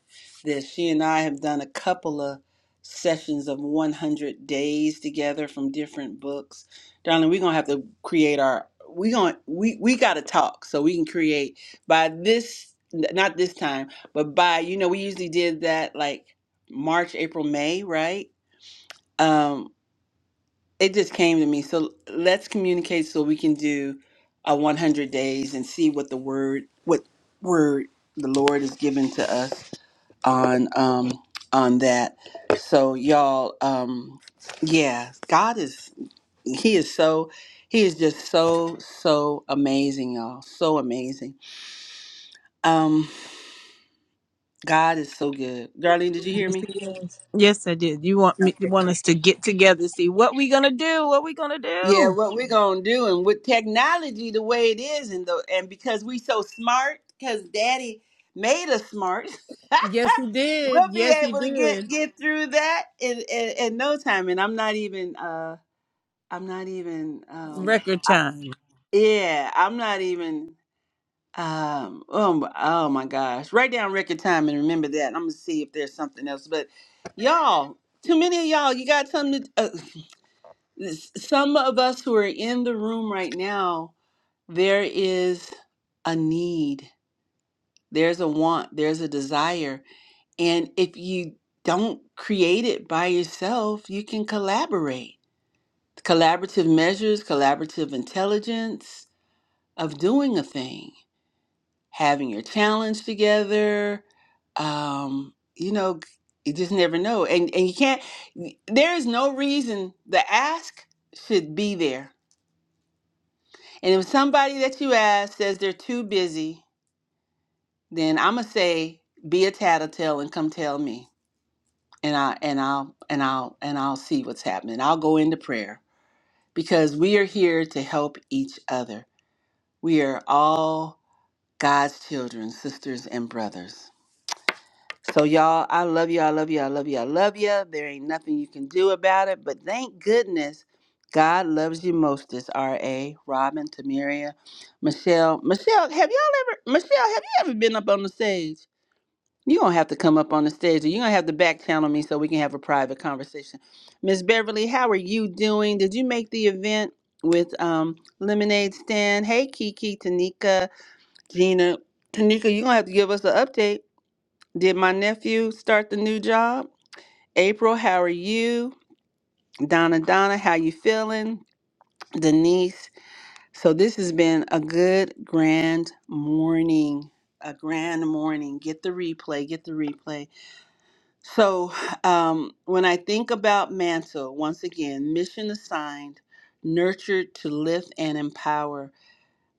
[SPEAKER 1] this. She and I have done a couple of sessions of 100 days together from different books. Darlene, we're going to have to create our we going to we we got to talk so we can create by this n- not this time, but by you know we usually did that like March, April, May, right? Um, it just came to me. So let's communicate so we can do a 100 days and see what the word, what word the Lord has given to us on um on that. So y'all, um, yeah, God is He is so He is just so so amazing, y'all, so amazing. Um, God is so good. Darlene, did you hear
[SPEAKER 3] Yes,
[SPEAKER 1] me?
[SPEAKER 3] it is. Yes, I did. You want me? You want us to get together? See what we gonna do? What we gonna
[SPEAKER 1] Yeah,
[SPEAKER 3] do?
[SPEAKER 1] what we're gonna do, and with technology the way it is, and the and because we so smart, because Daddy made us smart,
[SPEAKER 3] Yes, he did.
[SPEAKER 1] we'll be
[SPEAKER 3] Yes, he
[SPEAKER 1] able to get
[SPEAKER 3] did.
[SPEAKER 1] get through that in, in in no time. And I'm not even uh I'm not even um
[SPEAKER 3] Record time.
[SPEAKER 1] yeah I'm not even um oh my, oh my gosh write down record time and remember that. I'm gonna see if there's something else, but y'all. Too many of y'all, you got something to, uh, s- some of us who are in the room right now there is a need, there's a want, there's a desire. And if you don't create it by yourself, you can collaborate. Collaborative measures, collaborative intelligence of doing a thing, having your challenge together. Um, you know, you just never know. And, and you can't, there is no reason the ask should be there. And if somebody that you ask says they're too busy, then I'ma say be a tattletale and come tell me. And I and I'll and I'll and I'll see what's happening. I'll go into prayer because we are here to help each other. We are all God's children, sisters and brothers. So y'all, I love you, I love you, I love you, I love you. There ain't nothing you can do about it, but thank goodness God loves you most is R.A., Robin, Tamiria, Michelle. Michelle, have y'all ever Michelle, have you ever been up on the stage? You don't have to come up on the stage, or you don't have to back channel me so we can have a private conversation. Miss Beverly, how are you doing? Did you make the event with um, Lemonade Stand? Hey, Kiki, Tanika, Gina, Tanika, you're gonna have to give us an update. Did my nephew start the new job? April, how are you? Donna, Donna, how you feeling? Denise. So this has been a good grand morning. A grand morning. Get the replay. Get the replay So um, when I think about Mantle, once again, mission assigned, nurtured to lift and empower.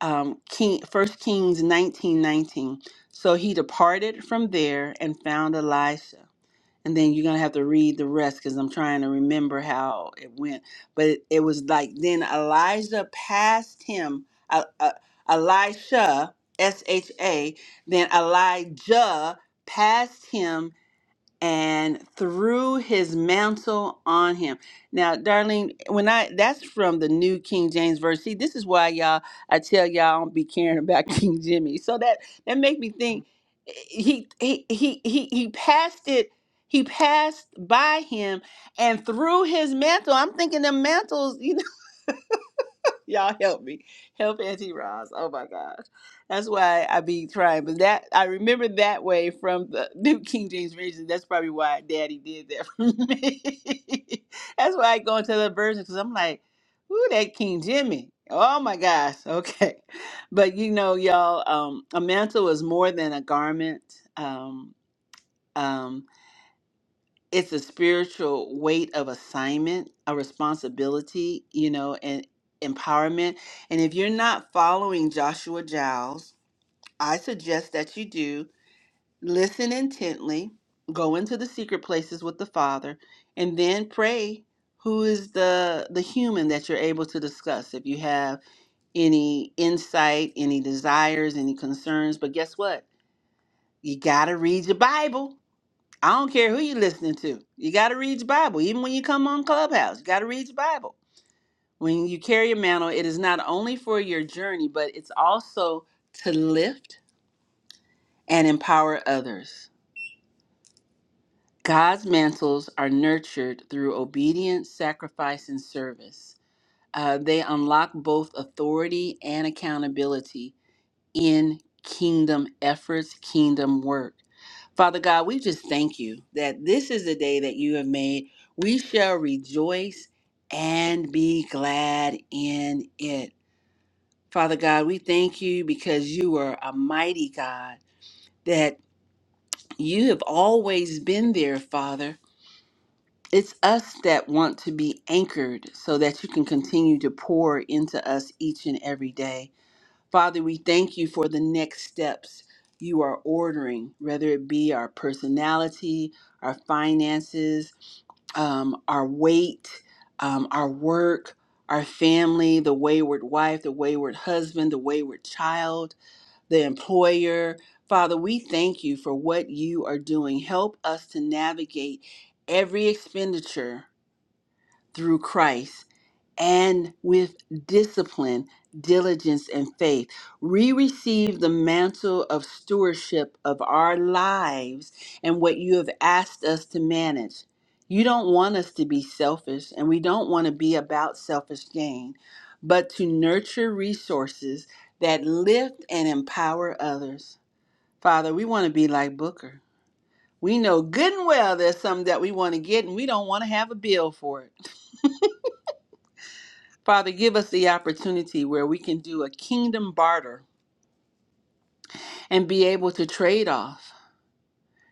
[SPEAKER 1] Um, King, First Kings nineteen nineteen. So he departed from there and found Elisha. And then you're going to have to read the rest because I'm trying to remember how it went. But it, it was like then Elijah passed him, uh, uh, Elisha, S H A, then Elijah passed him and threw his mantle on him. Now, Darlene, when I that's from the New King James Version. See, this is why y'all I tell y'all I don't be caring about King Jimmy. So that that make me think eh, he he he he he passed it. He passed by him and threw his mantle. I'm thinking the mantles. Y'all help me. Help Auntie Roz. Oh my gosh. That's why I be trying. But that I remember that way from the New King James Version. That's probably why Daddy did that for me. That's why I go into the version because I'm like, ooh, that King Jimmy. Oh my gosh. Okay. But you know, y'all, um, a mantle is more than a garment. Um, um, it's a spiritual weight of assignment, a responsibility, you know, and empowerment. And if you're not following Joshua Giles, I suggest that you do. Listen intently, go into the secret places with the Father, and then pray who is the the human that you're able to discuss if you have any insight, any desires, any concerns, but guess what? You got to read your Bible I don't care who you listening to. You got to read your Bible. Even when you come on Clubhouse, you got to read your Bible. When you carry a mantle, it is not only for your journey, but it's also to lift and empower others. God's mantles are nurtured through obedience, sacrifice, and service. Uh, they unlock both authority and accountability in kingdom efforts, kingdom work. Father God, we just thank you that this is the day that you have made. We shall rejoice and be glad in it. Father God, we thank you because you are a mighty God, that you have always been there, Father. It's us that want to be anchored so that you can continue to pour into us each and every day. Father, we thank you for the next steps you are ordering, whether it be our personality, our finances, um, our weight, um, our work, our family, the wayward wife, the wayward husband, the wayward child, the employer. Father, we thank you for what you are doing. Help us to navigate every expenditure through Christ and with discipline, diligence, and faith. We receive the mantle of stewardship of our lives and what you have asked us to manage. You don't want us to be selfish, and we don't want to be about selfish gain, but to nurture resources that lift and empower others. Father, we want to be like Booker. We know good and well there's something that we want to get, and we don't want to have a bill for it. Father, give us the opportunity where we can do a kingdom barter and be able to trade off.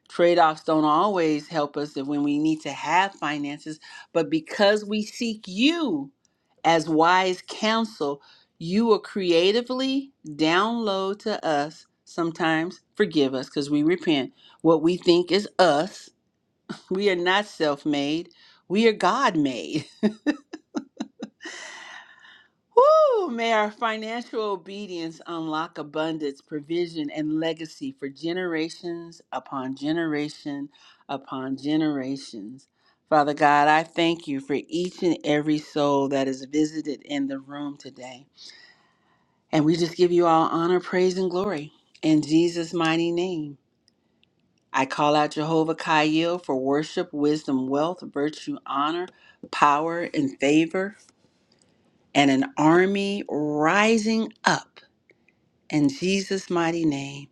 [SPEAKER 1] Trade offs don't always help us when we need to have finances, but because we seek you as wise counsel, you will creatively download to us. Sometimes forgive us because we repent what we think is us. We are not self made, we are God made. Woo! May our financial obedience unlock abundance, provision, and legacy for generations upon generation upon generations. Father God, I thank you for each and every soul that is visited in the room today. And we just give you all honor, praise, and glory in Jesus' mighty name. I call out Jehovah Kaiel for worship, wisdom, wealth, virtue, honor, power, and favor, and an army rising up In Jesus' mighty name,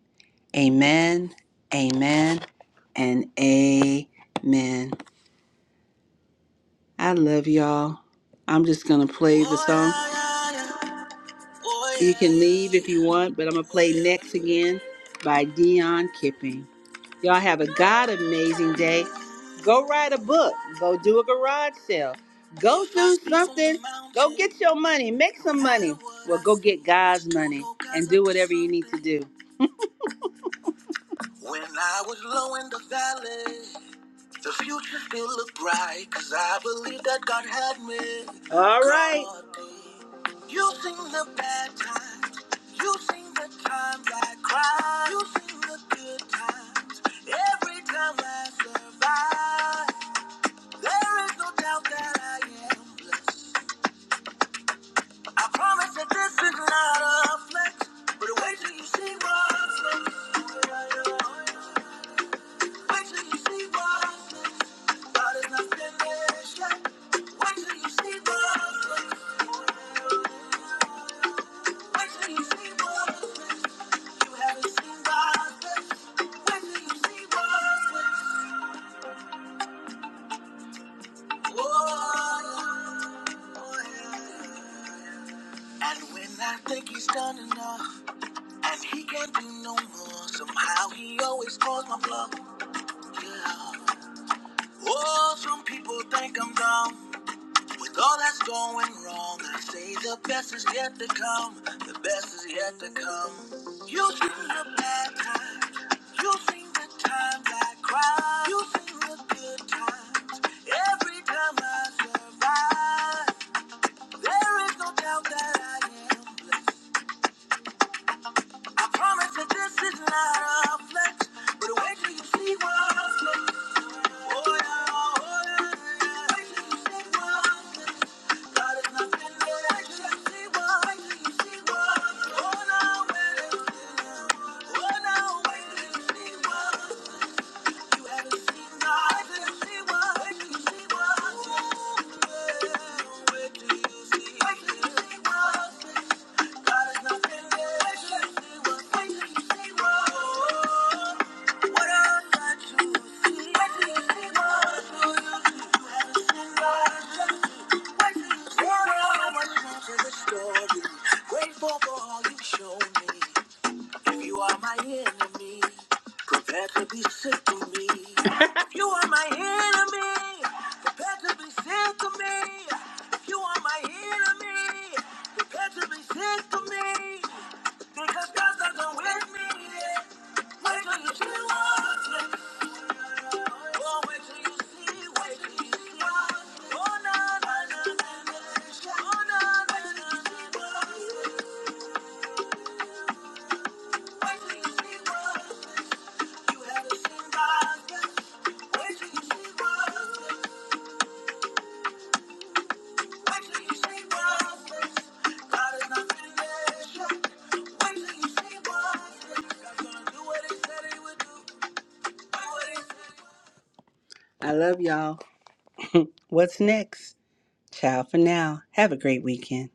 [SPEAKER 1] amen, amen, and amen. I love y'all. I'm just going to play the song. You can leave if you want, but I'm going to play Next Again by Dion Kipping. Y'all have a God amazing day. Go write a book. Go do a garage sale. Go do something. Go get your money. Make some money. Well, go get God's money and do whatever you need to do. When I was low in the valley, the future still looked bright, cause I believe that God had me. All right. You seen the bad times, you seen the times I cried, you seen the good times, every time I survive. There is no doubt that I am blessed. I promise that this is not a flex, but wait till you see what's next. Wait till you see my face. God is not finished yet. Wait till you see my face. Wait till you see my face. You haven't seen my face. Wait till you see my face. Oh, yeah. And when I think he's done enough, and he can't do no more, somehow he always calls my bluff. Yeah. Oh, some people think I'm dumb. With all that's going wrong, I say the best is yet to come. The best is yet to come. You've seen the bad times. You've seen the times I cried. You've seen the good times. Every time I survive, there is no doubt that I am blessed. I promise that this is not a flex, but wait till you see what I flex. Oh yeah, oh yeah, wait till you see what I flex. God is not finished. Wait till you see what- wait till you see what- oh, now wait till you see what- oh, now wait till you see what- Grateful for all you've shown me. If you are my enemy, prepare to be sick to me. If you are my enemy, prepare to be sick to me. If you are my enemy, prepare to be sick to me. Because God doesn't with me. Wait till you see what I'm Oh, wait till you see, wait till you see. Oh, na, na, na, na, na. Oh, na, na, na, na, na. I love y'all. What's next? Ciao for now. Have a great weekend.